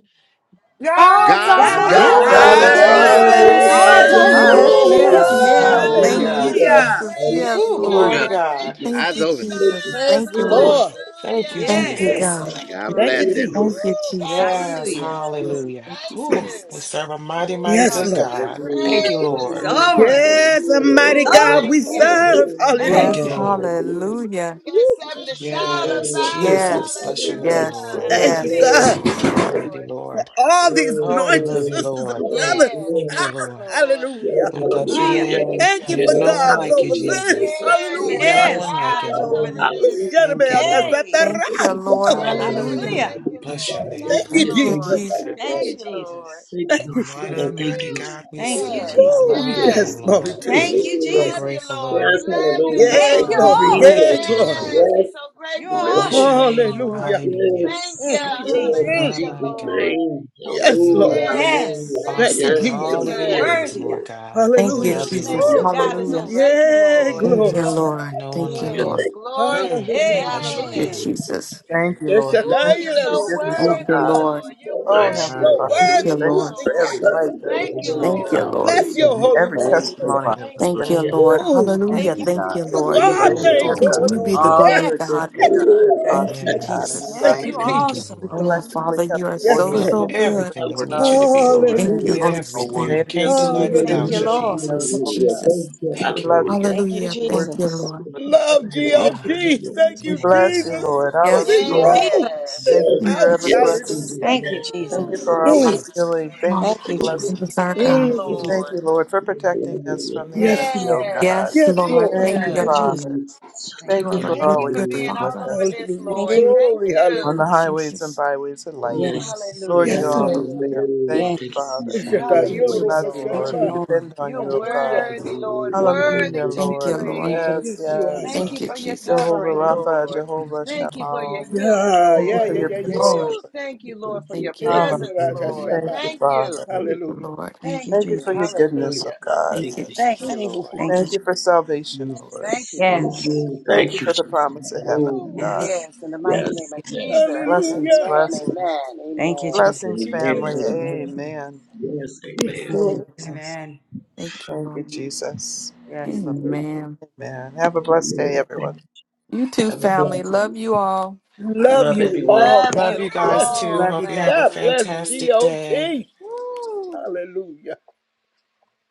Speaker 9: God
Speaker 12: God's
Speaker 9: is
Speaker 12: over
Speaker 4: God's
Speaker 2: God's
Speaker 9: over
Speaker 4: over
Speaker 10: God
Speaker 6: God's
Speaker 13: God
Speaker 10: is
Speaker 8: God
Speaker 1: Yes,
Speaker 11: God's
Speaker 13: is
Speaker 6: over
Speaker 8: is
Speaker 2: over
Speaker 13: over
Speaker 12: this.
Speaker 4: this.
Speaker 10: over
Speaker 1: over
Speaker 11: over
Speaker 8: over
Speaker 10: this.
Speaker 13: this.
Speaker 9: this.
Speaker 12: God's
Speaker 6: this!
Speaker 1: this.
Speaker 2: this.
Speaker 11: this.
Speaker 12: over
Speaker 9: Woo!
Speaker 8: this.
Speaker 1: Yes,
Speaker 10: Hallelujah. Thank you,
Speaker 1: yes,
Speaker 13: Hallelujah.
Speaker 12: this.
Speaker 10: Jesus.
Speaker 1: yes.
Speaker 13: Thank
Speaker 2: Woo!
Speaker 13: you,
Speaker 1: Thank
Speaker 4: Woo!
Speaker 13: Lord.
Speaker 9: Hallelujah.
Speaker 1: you,
Speaker 8: Hallelujah.
Speaker 10: Hallelujah.
Speaker 2: Hallelujah.
Speaker 11: Hallelujah.
Speaker 1: Jesus. Yes,
Speaker 8: Praise
Speaker 9: Woo,
Speaker 1: Lord.
Speaker 9: glory
Speaker 10: Hallelujah.
Speaker 9: to
Speaker 8: God.
Speaker 10: We
Speaker 9: God.
Speaker 8: Thank you,
Speaker 10: just thank
Speaker 1: Thank
Speaker 4: God's
Speaker 1: you,
Speaker 4: over this.
Speaker 10: you
Speaker 1: Jesus.
Speaker 10: Jesus.
Speaker 8: Jesus.
Speaker 11: Praise
Speaker 1: Thank
Speaker 11: the
Speaker 1: you,
Speaker 10: Hallelujah.
Speaker 9: Ooh,
Speaker 1: Lord.
Speaker 11: Lord.
Speaker 9: thank you,
Speaker 8: Hallelujah.
Speaker 1: Thank you,
Speaker 10: Thank
Speaker 8: Thank
Speaker 2: Yes.
Speaker 8: you,
Speaker 9: Jesus.
Speaker 1: God.
Speaker 10: you,
Speaker 4: God
Speaker 8: Lord.
Speaker 11: Thank you,
Speaker 4: bless
Speaker 10: Jesus.
Speaker 4: everyone.
Speaker 1: Thank
Speaker 11: Jesus.
Speaker 1: you,
Speaker 8: Woo, God is so
Speaker 1: Jesus.
Speaker 9: Yes,
Speaker 2: Hallelujah.
Speaker 8: good.
Speaker 9: hallelujah.
Speaker 1: Thank you,
Speaker 8: Thank
Speaker 9: Ooh,
Speaker 8: you.
Speaker 9: we
Speaker 1: Jesus.
Speaker 9: serve a mighty, mighty
Speaker 8: Woo,
Speaker 11: Yes,
Speaker 9: good
Speaker 11: Lord.
Speaker 8: hallelujah.
Speaker 9: God. Thank
Speaker 10: Hallelujah.
Speaker 9: you,
Speaker 10: Thank
Speaker 8: Praise
Speaker 10: you,
Speaker 8: his
Speaker 2: He's
Speaker 9: Lord.
Speaker 8: holy
Speaker 10: Jesus.
Speaker 2: over us.
Speaker 8: name.
Speaker 11: Yes, a
Speaker 10: Hallelujah. Amen.
Speaker 11: mighty
Speaker 8: Woo,
Speaker 11: God
Speaker 2: Over
Speaker 11: we
Speaker 8: thank
Speaker 2: us.
Speaker 9: Ooh,
Speaker 10: Father, in
Speaker 8: you.
Speaker 11: serve.
Speaker 9: thank
Speaker 2: Hey.
Speaker 1: Yes,
Speaker 9: you,
Speaker 10: Jesus.
Speaker 11: Hallelujah.
Speaker 9: Lord.
Speaker 8: Woo.
Speaker 10: Hallelujah.
Speaker 1: hallelujah.
Speaker 8: We got
Speaker 11: Woo.
Speaker 8: something to shout
Speaker 9: Yes,
Speaker 10: Hallelujah. Thank
Speaker 8: about.
Speaker 10: you,
Speaker 9: Jesus. Bless
Speaker 10: Father.
Speaker 1: Yes,
Speaker 9: your name,
Speaker 10: Yes,
Speaker 8: Hallelujah.
Speaker 1: yes,
Speaker 9: Lord.
Speaker 11: Thank you,
Speaker 1: yes.
Speaker 2: Hallelujah.
Speaker 10: Lord.
Speaker 9: Yes,
Speaker 11: God,
Speaker 8: Thank
Speaker 11: for
Speaker 8: you,
Speaker 1: Yes,
Speaker 9: Lord, you're
Speaker 1: Lord.
Speaker 9: worthy,
Speaker 8: Lord.
Speaker 9: Lord.
Speaker 11: all these
Speaker 10: Glory, glory,
Speaker 9: Oh, we
Speaker 11: anointed
Speaker 9: love you,
Speaker 10: glory, glory,
Speaker 11: sisters
Speaker 9: Lord.
Speaker 11: and
Speaker 10: glory.
Speaker 11: brothers.
Speaker 8: Yes.
Speaker 10: glory.
Speaker 9: Thank you,
Speaker 11: Ah,
Speaker 8: Thank you,
Speaker 9: Lord.
Speaker 8: Lord.
Speaker 10: Yes,
Speaker 11: hallelujah.
Speaker 9: We bless your
Speaker 2: Hallelujah.
Speaker 10: hallelujah.
Speaker 9: name.
Speaker 11: Thank
Speaker 8: Hallelujah.
Speaker 11: you
Speaker 10: Yes,
Speaker 11: for
Speaker 9: There's no one
Speaker 11: God's
Speaker 9: like you,
Speaker 11: over
Speaker 10: hallelujah. Thank
Speaker 11: this.
Speaker 9: Jesus.
Speaker 10: you. hallelujah. Thank
Speaker 11: Hallelujah.
Speaker 9: No
Speaker 8: Yes.
Speaker 10: you,
Speaker 2: Yes,
Speaker 9: one
Speaker 10: merciful
Speaker 9: like
Speaker 2: God
Speaker 9: you,
Speaker 8: God
Speaker 2: is
Speaker 8: is
Speaker 10: Father.
Speaker 9: Lord.
Speaker 2: over
Speaker 8: over
Speaker 2: this.
Speaker 10: Hallelujah.
Speaker 8: this.
Speaker 10: Thank you,
Speaker 9: Thank you, Lord.
Speaker 2: Yay.
Speaker 1: Thank
Speaker 11: Shadamayakasatara.
Speaker 10: Father. Thank
Speaker 1: you,
Speaker 10: you, good
Speaker 1: Lord.
Speaker 10: God. Thank
Speaker 8: Yes.
Speaker 1: Hallelujah.
Speaker 2: Hallelujah.
Speaker 9: Hallelujah.
Speaker 8: Thank
Speaker 10: you,
Speaker 8: you,
Speaker 10: good
Speaker 9: Bless
Speaker 10: God.
Speaker 9: your
Speaker 8: Lord. Thank
Speaker 11: Thank
Speaker 9: name.
Speaker 11: you,
Speaker 8: you,
Speaker 10: Hallelujah.
Speaker 1: Thank you,
Speaker 10: Thank you,
Speaker 8: Lord.
Speaker 11: Jesus.
Speaker 1: Jesus.
Speaker 10: Father.
Speaker 9: Yes.
Speaker 2: Thank
Speaker 10: God.
Speaker 8: Thank
Speaker 2: you,
Speaker 8: you, Lord.
Speaker 2: Jesus.
Speaker 10: Thank
Speaker 11: Thank
Speaker 10: you,
Speaker 11: you,
Speaker 9: What
Speaker 10: Father.
Speaker 11: Jesus.
Speaker 9: a
Speaker 10: Thank
Speaker 9: mighty
Speaker 10: you,
Speaker 8: Phew.
Speaker 9: God we
Speaker 10: Father.
Speaker 2: Thank
Speaker 10: Thank
Speaker 2: you,
Speaker 8: Yes.
Speaker 9: serve.
Speaker 10: you,
Speaker 9: I
Speaker 2: Jesus.
Speaker 10: God.
Speaker 9: love your
Speaker 11: Woo,
Speaker 10: Thank
Speaker 8: Yes.
Speaker 10: you,
Speaker 9: name,
Speaker 10: good
Speaker 11: testimony
Speaker 10: God.
Speaker 9: Lord.
Speaker 11: too.
Speaker 2: Thank you,
Speaker 8: We
Speaker 10: Hallelujah.
Speaker 9: I'm
Speaker 8: love you,
Speaker 9: grateful,
Speaker 2: Jesus.
Speaker 8: Lord.
Speaker 10: Yes,
Speaker 8: We
Speaker 9: Lord.
Speaker 8: love you,
Speaker 10: hallelujah.
Speaker 11: Yay,
Speaker 2: Thank
Speaker 10: Thank
Speaker 9: I
Speaker 10: you,
Speaker 8: Lord.
Speaker 2: you,
Speaker 9: am
Speaker 11: glory.
Speaker 2: Lord.
Speaker 9: grateful
Speaker 10: Jesus.
Speaker 11: Yay,
Speaker 9: to you,
Speaker 11: glory.
Speaker 8: Yes.
Speaker 9: Lord.
Speaker 8: We're
Speaker 10: Yes,
Speaker 8: so
Speaker 2: You
Speaker 8: grateful and
Speaker 2: are
Speaker 9: Bless
Speaker 10: merciful
Speaker 9: your
Speaker 2: awesome,
Speaker 8: thankful,
Speaker 2: God.
Speaker 10: God.
Speaker 9: name.
Speaker 8: Lord.
Speaker 11: Hallelujah.
Speaker 9: Hallelujah.
Speaker 8: Thank you.
Speaker 11: Mm,
Speaker 10: Yes,
Speaker 2: Thank you,
Speaker 11: mm,
Speaker 10: yes,
Speaker 2: Jesus.
Speaker 10: in
Speaker 9: What
Speaker 11: mm.
Speaker 9: a
Speaker 8: Hallelujah,
Speaker 9: mighty
Speaker 10: Jesus'
Speaker 9: God.
Speaker 8: Lord.
Speaker 10: name.
Speaker 11: Yes,
Speaker 9: You
Speaker 11: Lord.
Speaker 10: Hallelujah,
Speaker 9: are
Speaker 8: Yes.
Speaker 10: hallelujah.
Speaker 2: Yes,
Speaker 8: Thank
Speaker 11: Thank you,
Speaker 9: awesome
Speaker 8: you,
Speaker 9: in
Speaker 10: Yes,
Speaker 9: all of
Speaker 11: Jesus.
Speaker 2: you're
Speaker 9: your
Speaker 8: Jesus.
Speaker 9: ways,
Speaker 2: worthy,
Speaker 10: amen.
Speaker 2: God.
Speaker 9: Lord God. We
Speaker 1: Thank you,
Speaker 11: Hallelujah.
Speaker 9: love
Speaker 8: Woo,
Speaker 9: you,
Speaker 8: thank
Speaker 1: Jesus.
Speaker 10: Hallelujah.
Speaker 9: Lord.
Speaker 8: you,
Speaker 2: Woo,
Speaker 10: Thank
Speaker 2: God is
Speaker 8: Lord.
Speaker 1: Hallelujah.
Speaker 2: over
Speaker 8: Thank you,
Speaker 2: this.
Speaker 11: Yay,
Speaker 8: Lord.
Speaker 1: Thank you,
Speaker 11: glory.
Speaker 9: Yes,
Speaker 1: Lord.
Speaker 9: no one
Speaker 1: Thank
Speaker 10: you.
Speaker 1: you,
Speaker 10: Yes.
Speaker 9: like
Speaker 8: Yes,
Speaker 1: Lord.
Speaker 9: you.
Speaker 8: glory to
Speaker 9: Mm,
Speaker 8: your
Speaker 2: Hey,
Speaker 11: Hallelujah.
Speaker 9: bless your
Speaker 1: Thank you,
Speaker 8: name.
Speaker 2: hallelujah.
Speaker 9: name.
Speaker 1: Jesus.
Speaker 13: Thank you,
Speaker 11: Yes,
Speaker 13: Lord. We
Speaker 8: Woo,
Speaker 13: thank you
Speaker 8: you're
Speaker 13: for
Speaker 11: Shataya,
Speaker 13: your
Speaker 11: Lord.
Speaker 8: so
Speaker 13: forgiveness,
Speaker 1: Thank
Speaker 13: oh
Speaker 1: you,
Speaker 8: worthy,
Speaker 11: Shatayla.
Speaker 13: God.
Speaker 1: Lord.
Speaker 8: Lord. You're
Speaker 13: Oh,
Speaker 10: Yes. you so
Speaker 8: worthy
Speaker 13: Heavenly
Speaker 9: My
Speaker 11: So
Speaker 8: to
Speaker 13: Father,
Speaker 8: be
Speaker 1: Thank
Speaker 9: God.
Speaker 13: we
Speaker 1: you,
Speaker 11: worthy,
Speaker 13: thank
Speaker 8: praised,
Speaker 13: you
Speaker 1: Lord.
Speaker 10: much.
Speaker 11: Father.
Speaker 13: for
Speaker 8: Lord.
Speaker 13: every
Speaker 10: Love
Speaker 11: Yes.
Speaker 10: you,
Speaker 13: life that was
Speaker 6: Thank
Speaker 8: Thank
Speaker 9: We
Speaker 6: you,
Speaker 8: you,
Speaker 9: love
Speaker 6: Father
Speaker 13: saved
Speaker 9: you,
Speaker 1: Thank
Speaker 6: God.
Speaker 1: you,
Speaker 8: Lord.
Speaker 9: Father.
Speaker 1: Lord.
Speaker 11: Bless
Speaker 6: Praise your
Speaker 11: your
Speaker 6: name.
Speaker 13: and
Speaker 10: Lord.
Speaker 11: holy
Speaker 13: every
Speaker 11: name,
Speaker 14: Thank you,
Speaker 11: Lord.
Speaker 6: Hallelujah.
Speaker 13: testimony
Speaker 14: Father.
Speaker 13: that
Speaker 8: Thank
Speaker 13: was
Speaker 14: Bless
Speaker 13: given.
Speaker 1: Thank
Speaker 8: you.
Speaker 1: you,
Speaker 10: Hallelujah. Yes.
Speaker 13: In
Speaker 9: Mm,
Speaker 13: your
Speaker 1: Lord.
Speaker 13: name.
Speaker 11: Ooh,
Speaker 13: In
Speaker 1: Hallelujah.
Speaker 2: Thank you.
Speaker 14: you,
Speaker 1: Thank
Speaker 14: God.
Speaker 1: you,
Speaker 13: Jesus' name,
Speaker 11: there's a
Speaker 1: Lord.
Speaker 13: we
Speaker 9: be
Speaker 11: God
Speaker 13: thank
Speaker 14: Thank
Speaker 13: you,
Speaker 14: you,
Speaker 11: thing
Speaker 13: oh
Speaker 6: Glory.
Speaker 1: To
Speaker 9: glorified
Speaker 13: God.
Speaker 11: going
Speaker 14: Lord.
Speaker 1: you
Speaker 9: today,
Speaker 1: be
Speaker 11: on
Speaker 1: the
Speaker 9: Lord.
Speaker 11: here.
Speaker 1: glory,
Speaker 13: You're a
Speaker 2: Yes,
Speaker 13: good
Speaker 2: God.
Speaker 1: God.
Speaker 14: Hallelujah,
Speaker 13: God.
Speaker 14: God.
Speaker 13: You're
Speaker 10: Hallelujah.
Speaker 13: an
Speaker 14: Thank
Speaker 1: Thank
Speaker 13: awesome
Speaker 1: you,
Speaker 14: you.
Speaker 10: Thank you,
Speaker 13: God, and
Speaker 9: Yes.
Speaker 13: we
Speaker 10: Father.
Speaker 2: Yes,
Speaker 1: Jesus.
Speaker 13: love
Speaker 11: Thank
Speaker 14: Thank
Speaker 11: you,
Speaker 2: you
Speaker 10: Amen.
Speaker 13: you.
Speaker 14: you,
Speaker 2: are
Speaker 9: Thank
Speaker 14: Jesus.
Speaker 9: you,
Speaker 11: Jesus.
Speaker 2: awesome,
Speaker 13: We
Speaker 9: Lord.
Speaker 2: oh
Speaker 1: Oh,
Speaker 2: God.
Speaker 13: collectively
Speaker 1: Father,
Speaker 13: come
Speaker 1: you are
Speaker 13: before
Speaker 11: Yes,
Speaker 1: so,
Speaker 9: You
Speaker 13: you
Speaker 9: are
Speaker 13: and
Speaker 1: so
Speaker 11: Lord.
Speaker 13: give you
Speaker 10: Hallelujah.
Speaker 1: good.
Speaker 9: everything we
Speaker 13: praise and
Speaker 9: need you
Speaker 13: honor.
Speaker 9: to be, Lord.
Speaker 1: Thank
Speaker 13: Maybe
Speaker 1: you,
Speaker 2: Jesus.
Speaker 11: Hallelujah.
Speaker 13: it
Speaker 1: Holy
Speaker 13: may
Speaker 9: Everything.
Speaker 1: Spirit.
Speaker 13: it be a
Speaker 9: Can't do life
Speaker 13: sweet
Speaker 2: Thank
Speaker 9: without
Speaker 2: you,
Speaker 9: you,
Speaker 13: Savior
Speaker 11: Hallelujah.
Speaker 13: in your
Speaker 2: Lord.
Speaker 1: Thank
Speaker 13: nose,
Speaker 1: you,
Speaker 9: Jesus.
Speaker 13: oh
Speaker 10: Hallelujah.
Speaker 13: God.
Speaker 1: Jesus.
Speaker 10: Thank you.
Speaker 13: We
Speaker 9: Thank you,
Speaker 13: love you,
Speaker 9: Lord.
Speaker 10: Hallelujah.
Speaker 2: Thank you,
Speaker 13: Lord.
Speaker 1: Hallelujah.
Speaker 13: We
Speaker 1: Thank you,
Speaker 13: worship you,
Speaker 2: Jesus.
Speaker 10: Thank you,
Speaker 1: Lord.
Speaker 13: Lord. We
Speaker 11: Love
Speaker 13: thank
Speaker 10: Father.
Speaker 13: you,
Speaker 2: Thank
Speaker 11: GOT.
Speaker 9: Ah,
Speaker 13: Lord.
Speaker 2: you, Jesus.
Speaker 11: Thank
Speaker 13: We
Speaker 11: you,
Speaker 9: my
Speaker 13: bless you,
Speaker 9: God.
Speaker 11: Jesus,
Speaker 13: Lord.
Speaker 11: for
Speaker 1: Yes,
Speaker 11: this
Speaker 1: Lord.
Speaker 10: Yes,
Speaker 13: Hallelujah.
Speaker 11: row,
Speaker 8: Yes.
Speaker 10: yes,
Speaker 11: this
Speaker 2: Jesus.
Speaker 13: Thank you for
Speaker 1: Thank
Speaker 13: your
Speaker 1: you,
Speaker 11: house.
Speaker 13: ever
Speaker 10: yes,
Speaker 1: Jesus.
Speaker 13: presence.
Speaker 10: Jesus,
Speaker 11: Hallelujah.
Speaker 2: Thank you,
Speaker 10: yes.
Speaker 13: Thank you
Speaker 8: Woo.
Speaker 2: Jesus.
Speaker 13: for always
Speaker 11: Oh,
Speaker 10: Hallelujah.
Speaker 13: healing. Thank
Speaker 1: Lord,
Speaker 13: you
Speaker 2: Thank
Speaker 13: for
Speaker 2: you, Jesus.
Speaker 1: it
Speaker 13: blessings.
Speaker 1: is
Speaker 8: Bless
Speaker 1: our
Speaker 8: your name,
Speaker 1: God.
Speaker 10: So
Speaker 11: mm.
Speaker 13: Thank
Speaker 8: Lord.
Speaker 13: you, Lord, for protecting us from the
Speaker 2: Thank you.
Speaker 11: Yes,
Speaker 13: enemy, oh
Speaker 11: Lord.
Speaker 8: Yes.
Speaker 13: God.
Speaker 1: Yes,
Speaker 11: Yes,
Speaker 1: Lord.
Speaker 8: Thank
Speaker 11: Lord.
Speaker 8: you.
Speaker 13: Thank
Speaker 1: Thank
Speaker 13: you,
Speaker 2: Thank
Speaker 1: you,
Speaker 2: you,
Speaker 1: Lord.
Speaker 2: Jesus.
Speaker 13: Father.
Speaker 6: Thank
Speaker 1: You
Speaker 6: you.
Speaker 13: Thank
Speaker 10: thank
Speaker 13: you
Speaker 10: you,
Speaker 1: are a
Speaker 13: for
Speaker 8: Thank
Speaker 1: good,
Speaker 8: you
Speaker 13: always
Speaker 8: for
Speaker 1: good
Speaker 10: hallelujah.
Speaker 13: being
Speaker 8: being all
Speaker 13: with
Speaker 1: Father.
Speaker 8: over
Speaker 13: us
Speaker 8: this,
Speaker 11: Hallelujah.
Speaker 2: Thank
Speaker 8: Lord.
Speaker 2: you.
Speaker 8: Thank
Speaker 11: Glory.
Speaker 1: Thank
Speaker 13: on
Speaker 11: Hallelujah.
Speaker 8: you.
Speaker 1: you,
Speaker 13: the highways and
Speaker 1: Jesus.
Speaker 13: byways of life.
Speaker 8: Woo.
Speaker 10: Yes,
Speaker 2: Yes.
Speaker 13: Lord,
Speaker 8: Hallelujah.
Speaker 1: Thank
Speaker 13: you're
Speaker 11: Yes,
Speaker 1: you,
Speaker 11: Lord.
Speaker 1: Lord.
Speaker 13: always
Speaker 10: hallelujah,
Speaker 8: Hallelujah.
Speaker 13: there. Thank
Speaker 10: hallelujah.
Speaker 13: you,
Speaker 10: Thank you,
Speaker 2: Yes.
Speaker 10: Jesus.
Speaker 13: Father.
Speaker 1: Thank you,
Speaker 13: We
Speaker 10: Hallelujah.
Speaker 8: Hallelujah,
Speaker 1: Jesus.
Speaker 13: love you,
Speaker 8: Lord.
Speaker 2: Thank
Speaker 13: Lord.
Speaker 2: you,
Speaker 13: We
Speaker 2: Lord.
Speaker 13: depend on
Speaker 8: You're
Speaker 13: you, oh
Speaker 10: Thank
Speaker 11: Hallelujah.
Speaker 13: God.
Speaker 8: worthy,
Speaker 10: you,
Speaker 8: Lord,
Speaker 10: hallelujah,
Speaker 8: worthy
Speaker 13: Hallelujah,
Speaker 10: hallelujah.
Speaker 8: to
Speaker 10: Thank
Speaker 8: be
Speaker 1: Thank
Speaker 13: Lord.
Speaker 1: you,
Speaker 10: you, Lord.
Speaker 1: Lord.
Speaker 2: Thank you,
Speaker 13: Yes,
Speaker 8: praised.
Speaker 11: Yes,
Speaker 2: Lord.
Speaker 11: you are,
Speaker 13: yes.
Speaker 8: Thank
Speaker 11: Father.
Speaker 1: Thank
Speaker 8: you
Speaker 1: you,
Speaker 8: for your
Speaker 1: Jesus.
Speaker 13: Jehovah
Speaker 8: covering,
Speaker 10: Hallelujah.
Speaker 2: Thank
Speaker 13: Rapha,
Speaker 2: you,
Speaker 8: Lord.
Speaker 2: Jesus.
Speaker 13: Jehovah
Speaker 1: Thank
Speaker 8: Thank you
Speaker 1: you.
Speaker 8: for your
Speaker 1: Lord.
Speaker 13: Shalom.
Speaker 8: healing,
Speaker 11: Yeah,
Speaker 13: Thank you
Speaker 11: yeah,
Speaker 8: Lord.
Speaker 13: for
Speaker 11: yeah,
Speaker 13: your
Speaker 2: Thank
Speaker 11: yeah,
Speaker 2: you,
Speaker 11: yeah,
Speaker 13: peace.
Speaker 11: yeah.
Speaker 2: Lord.
Speaker 8: Ooh, thank you,
Speaker 10: Thank
Speaker 8: Lord, for
Speaker 10: you,
Speaker 8: your
Speaker 1: Thank you,
Speaker 10: thank you,
Speaker 1: Lord.
Speaker 8: presence,
Speaker 13: Hallelujah.
Speaker 8: Lord.
Speaker 10: hallelujah.
Speaker 11: yeah.
Speaker 13: Thank you,
Speaker 8: Thank you.
Speaker 13: Father.
Speaker 10: Thank
Speaker 1: Thank you,
Speaker 11: Hallelujah.
Speaker 1: Lord.
Speaker 2: Thank
Speaker 8: Thank
Speaker 2: you,
Speaker 13: Thank you
Speaker 8: you.
Speaker 13: for your
Speaker 2: Jesus.
Speaker 13: goodness,
Speaker 10: you,
Speaker 13: oh
Speaker 8: Hallelujah.
Speaker 13: God.
Speaker 1: Thank
Speaker 10: thank
Speaker 1: you,
Speaker 8: Thank
Speaker 10: you,
Speaker 1: Jesus.
Speaker 8: you,
Speaker 11: Oh,
Speaker 8: Lord.
Speaker 2: Thank you,
Speaker 13: Thank
Speaker 2: Jesus.
Speaker 13: you for salvation,
Speaker 10: yes.
Speaker 13: Lord.
Speaker 8: Thank you, Lord.
Speaker 10: Thank
Speaker 2: Yes.
Speaker 10: you,
Speaker 13: Thank
Speaker 10: thank
Speaker 13: you
Speaker 10: you,
Speaker 13: for the
Speaker 10: Jesus.
Speaker 13: promise of heaven, oh
Speaker 10: Hallelujah.
Speaker 8: Ooh,
Speaker 1: Thank you,
Speaker 2: Yes.
Speaker 13: God.
Speaker 10: Yes,
Speaker 8: yes, in the
Speaker 1: Lord.
Speaker 8: mighty
Speaker 2: Thank
Speaker 10: yes,
Speaker 8: name of
Speaker 2: you, Jesus.
Speaker 10: yes.
Speaker 8: Jesus.
Speaker 10: hallelujah.
Speaker 13: Blessings,
Speaker 11: hallelujah.
Speaker 8: Amen,
Speaker 13: blessings,
Speaker 8: amen,
Speaker 2: Thank you,
Speaker 8: amen.
Speaker 2: Jesus.
Speaker 11: Thank
Speaker 13: blessings,
Speaker 11: you,
Speaker 13: family.
Speaker 10: Amen,
Speaker 11: Jesus.
Speaker 10: amen.
Speaker 13: Amen.
Speaker 10: Yes,
Speaker 11: Yes,
Speaker 2: Thank you,
Speaker 13: Amen.
Speaker 11: Lord.
Speaker 2: Jesus.
Speaker 6: Amen.
Speaker 1: Thank you,
Speaker 13: Thank you,
Speaker 1: Lord.
Speaker 13: Jesus.
Speaker 6: Yes, Lord.
Speaker 10: amen.
Speaker 1: Amen.
Speaker 13: Amen. Have a blessed day, everyone.
Speaker 1: You too,
Speaker 10: Have a
Speaker 1: family.
Speaker 10: blessing.
Speaker 1: Love you all.
Speaker 11: Love
Speaker 10: Love
Speaker 11: you
Speaker 10: everyone.
Speaker 11: all.
Speaker 8: Love
Speaker 9: Love
Speaker 11: God
Speaker 8: you
Speaker 9: you guys
Speaker 11: bless
Speaker 9: too.
Speaker 11: you.
Speaker 8: all,
Speaker 6: Love you,
Speaker 9: Hope you
Speaker 6: family.
Speaker 9: have a
Speaker 11: God bless
Speaker 8: family.
Speaker 9: fantastic day.
Speaker 11: GOT.
Speaker 8: Woo.
Speaker 11: Hallelujah.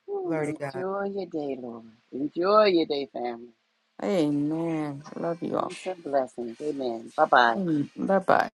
Speaker 8: Ooh,
Speaker 6: Glory to God.
Speaker 8: enjoy your day, Lord. Enjoy your day, family.
Speaker 1: Amen. Love you all.
Speaker 8: Peace and blessings. Amen. Bye bye.
Speaker 1: Bye bye.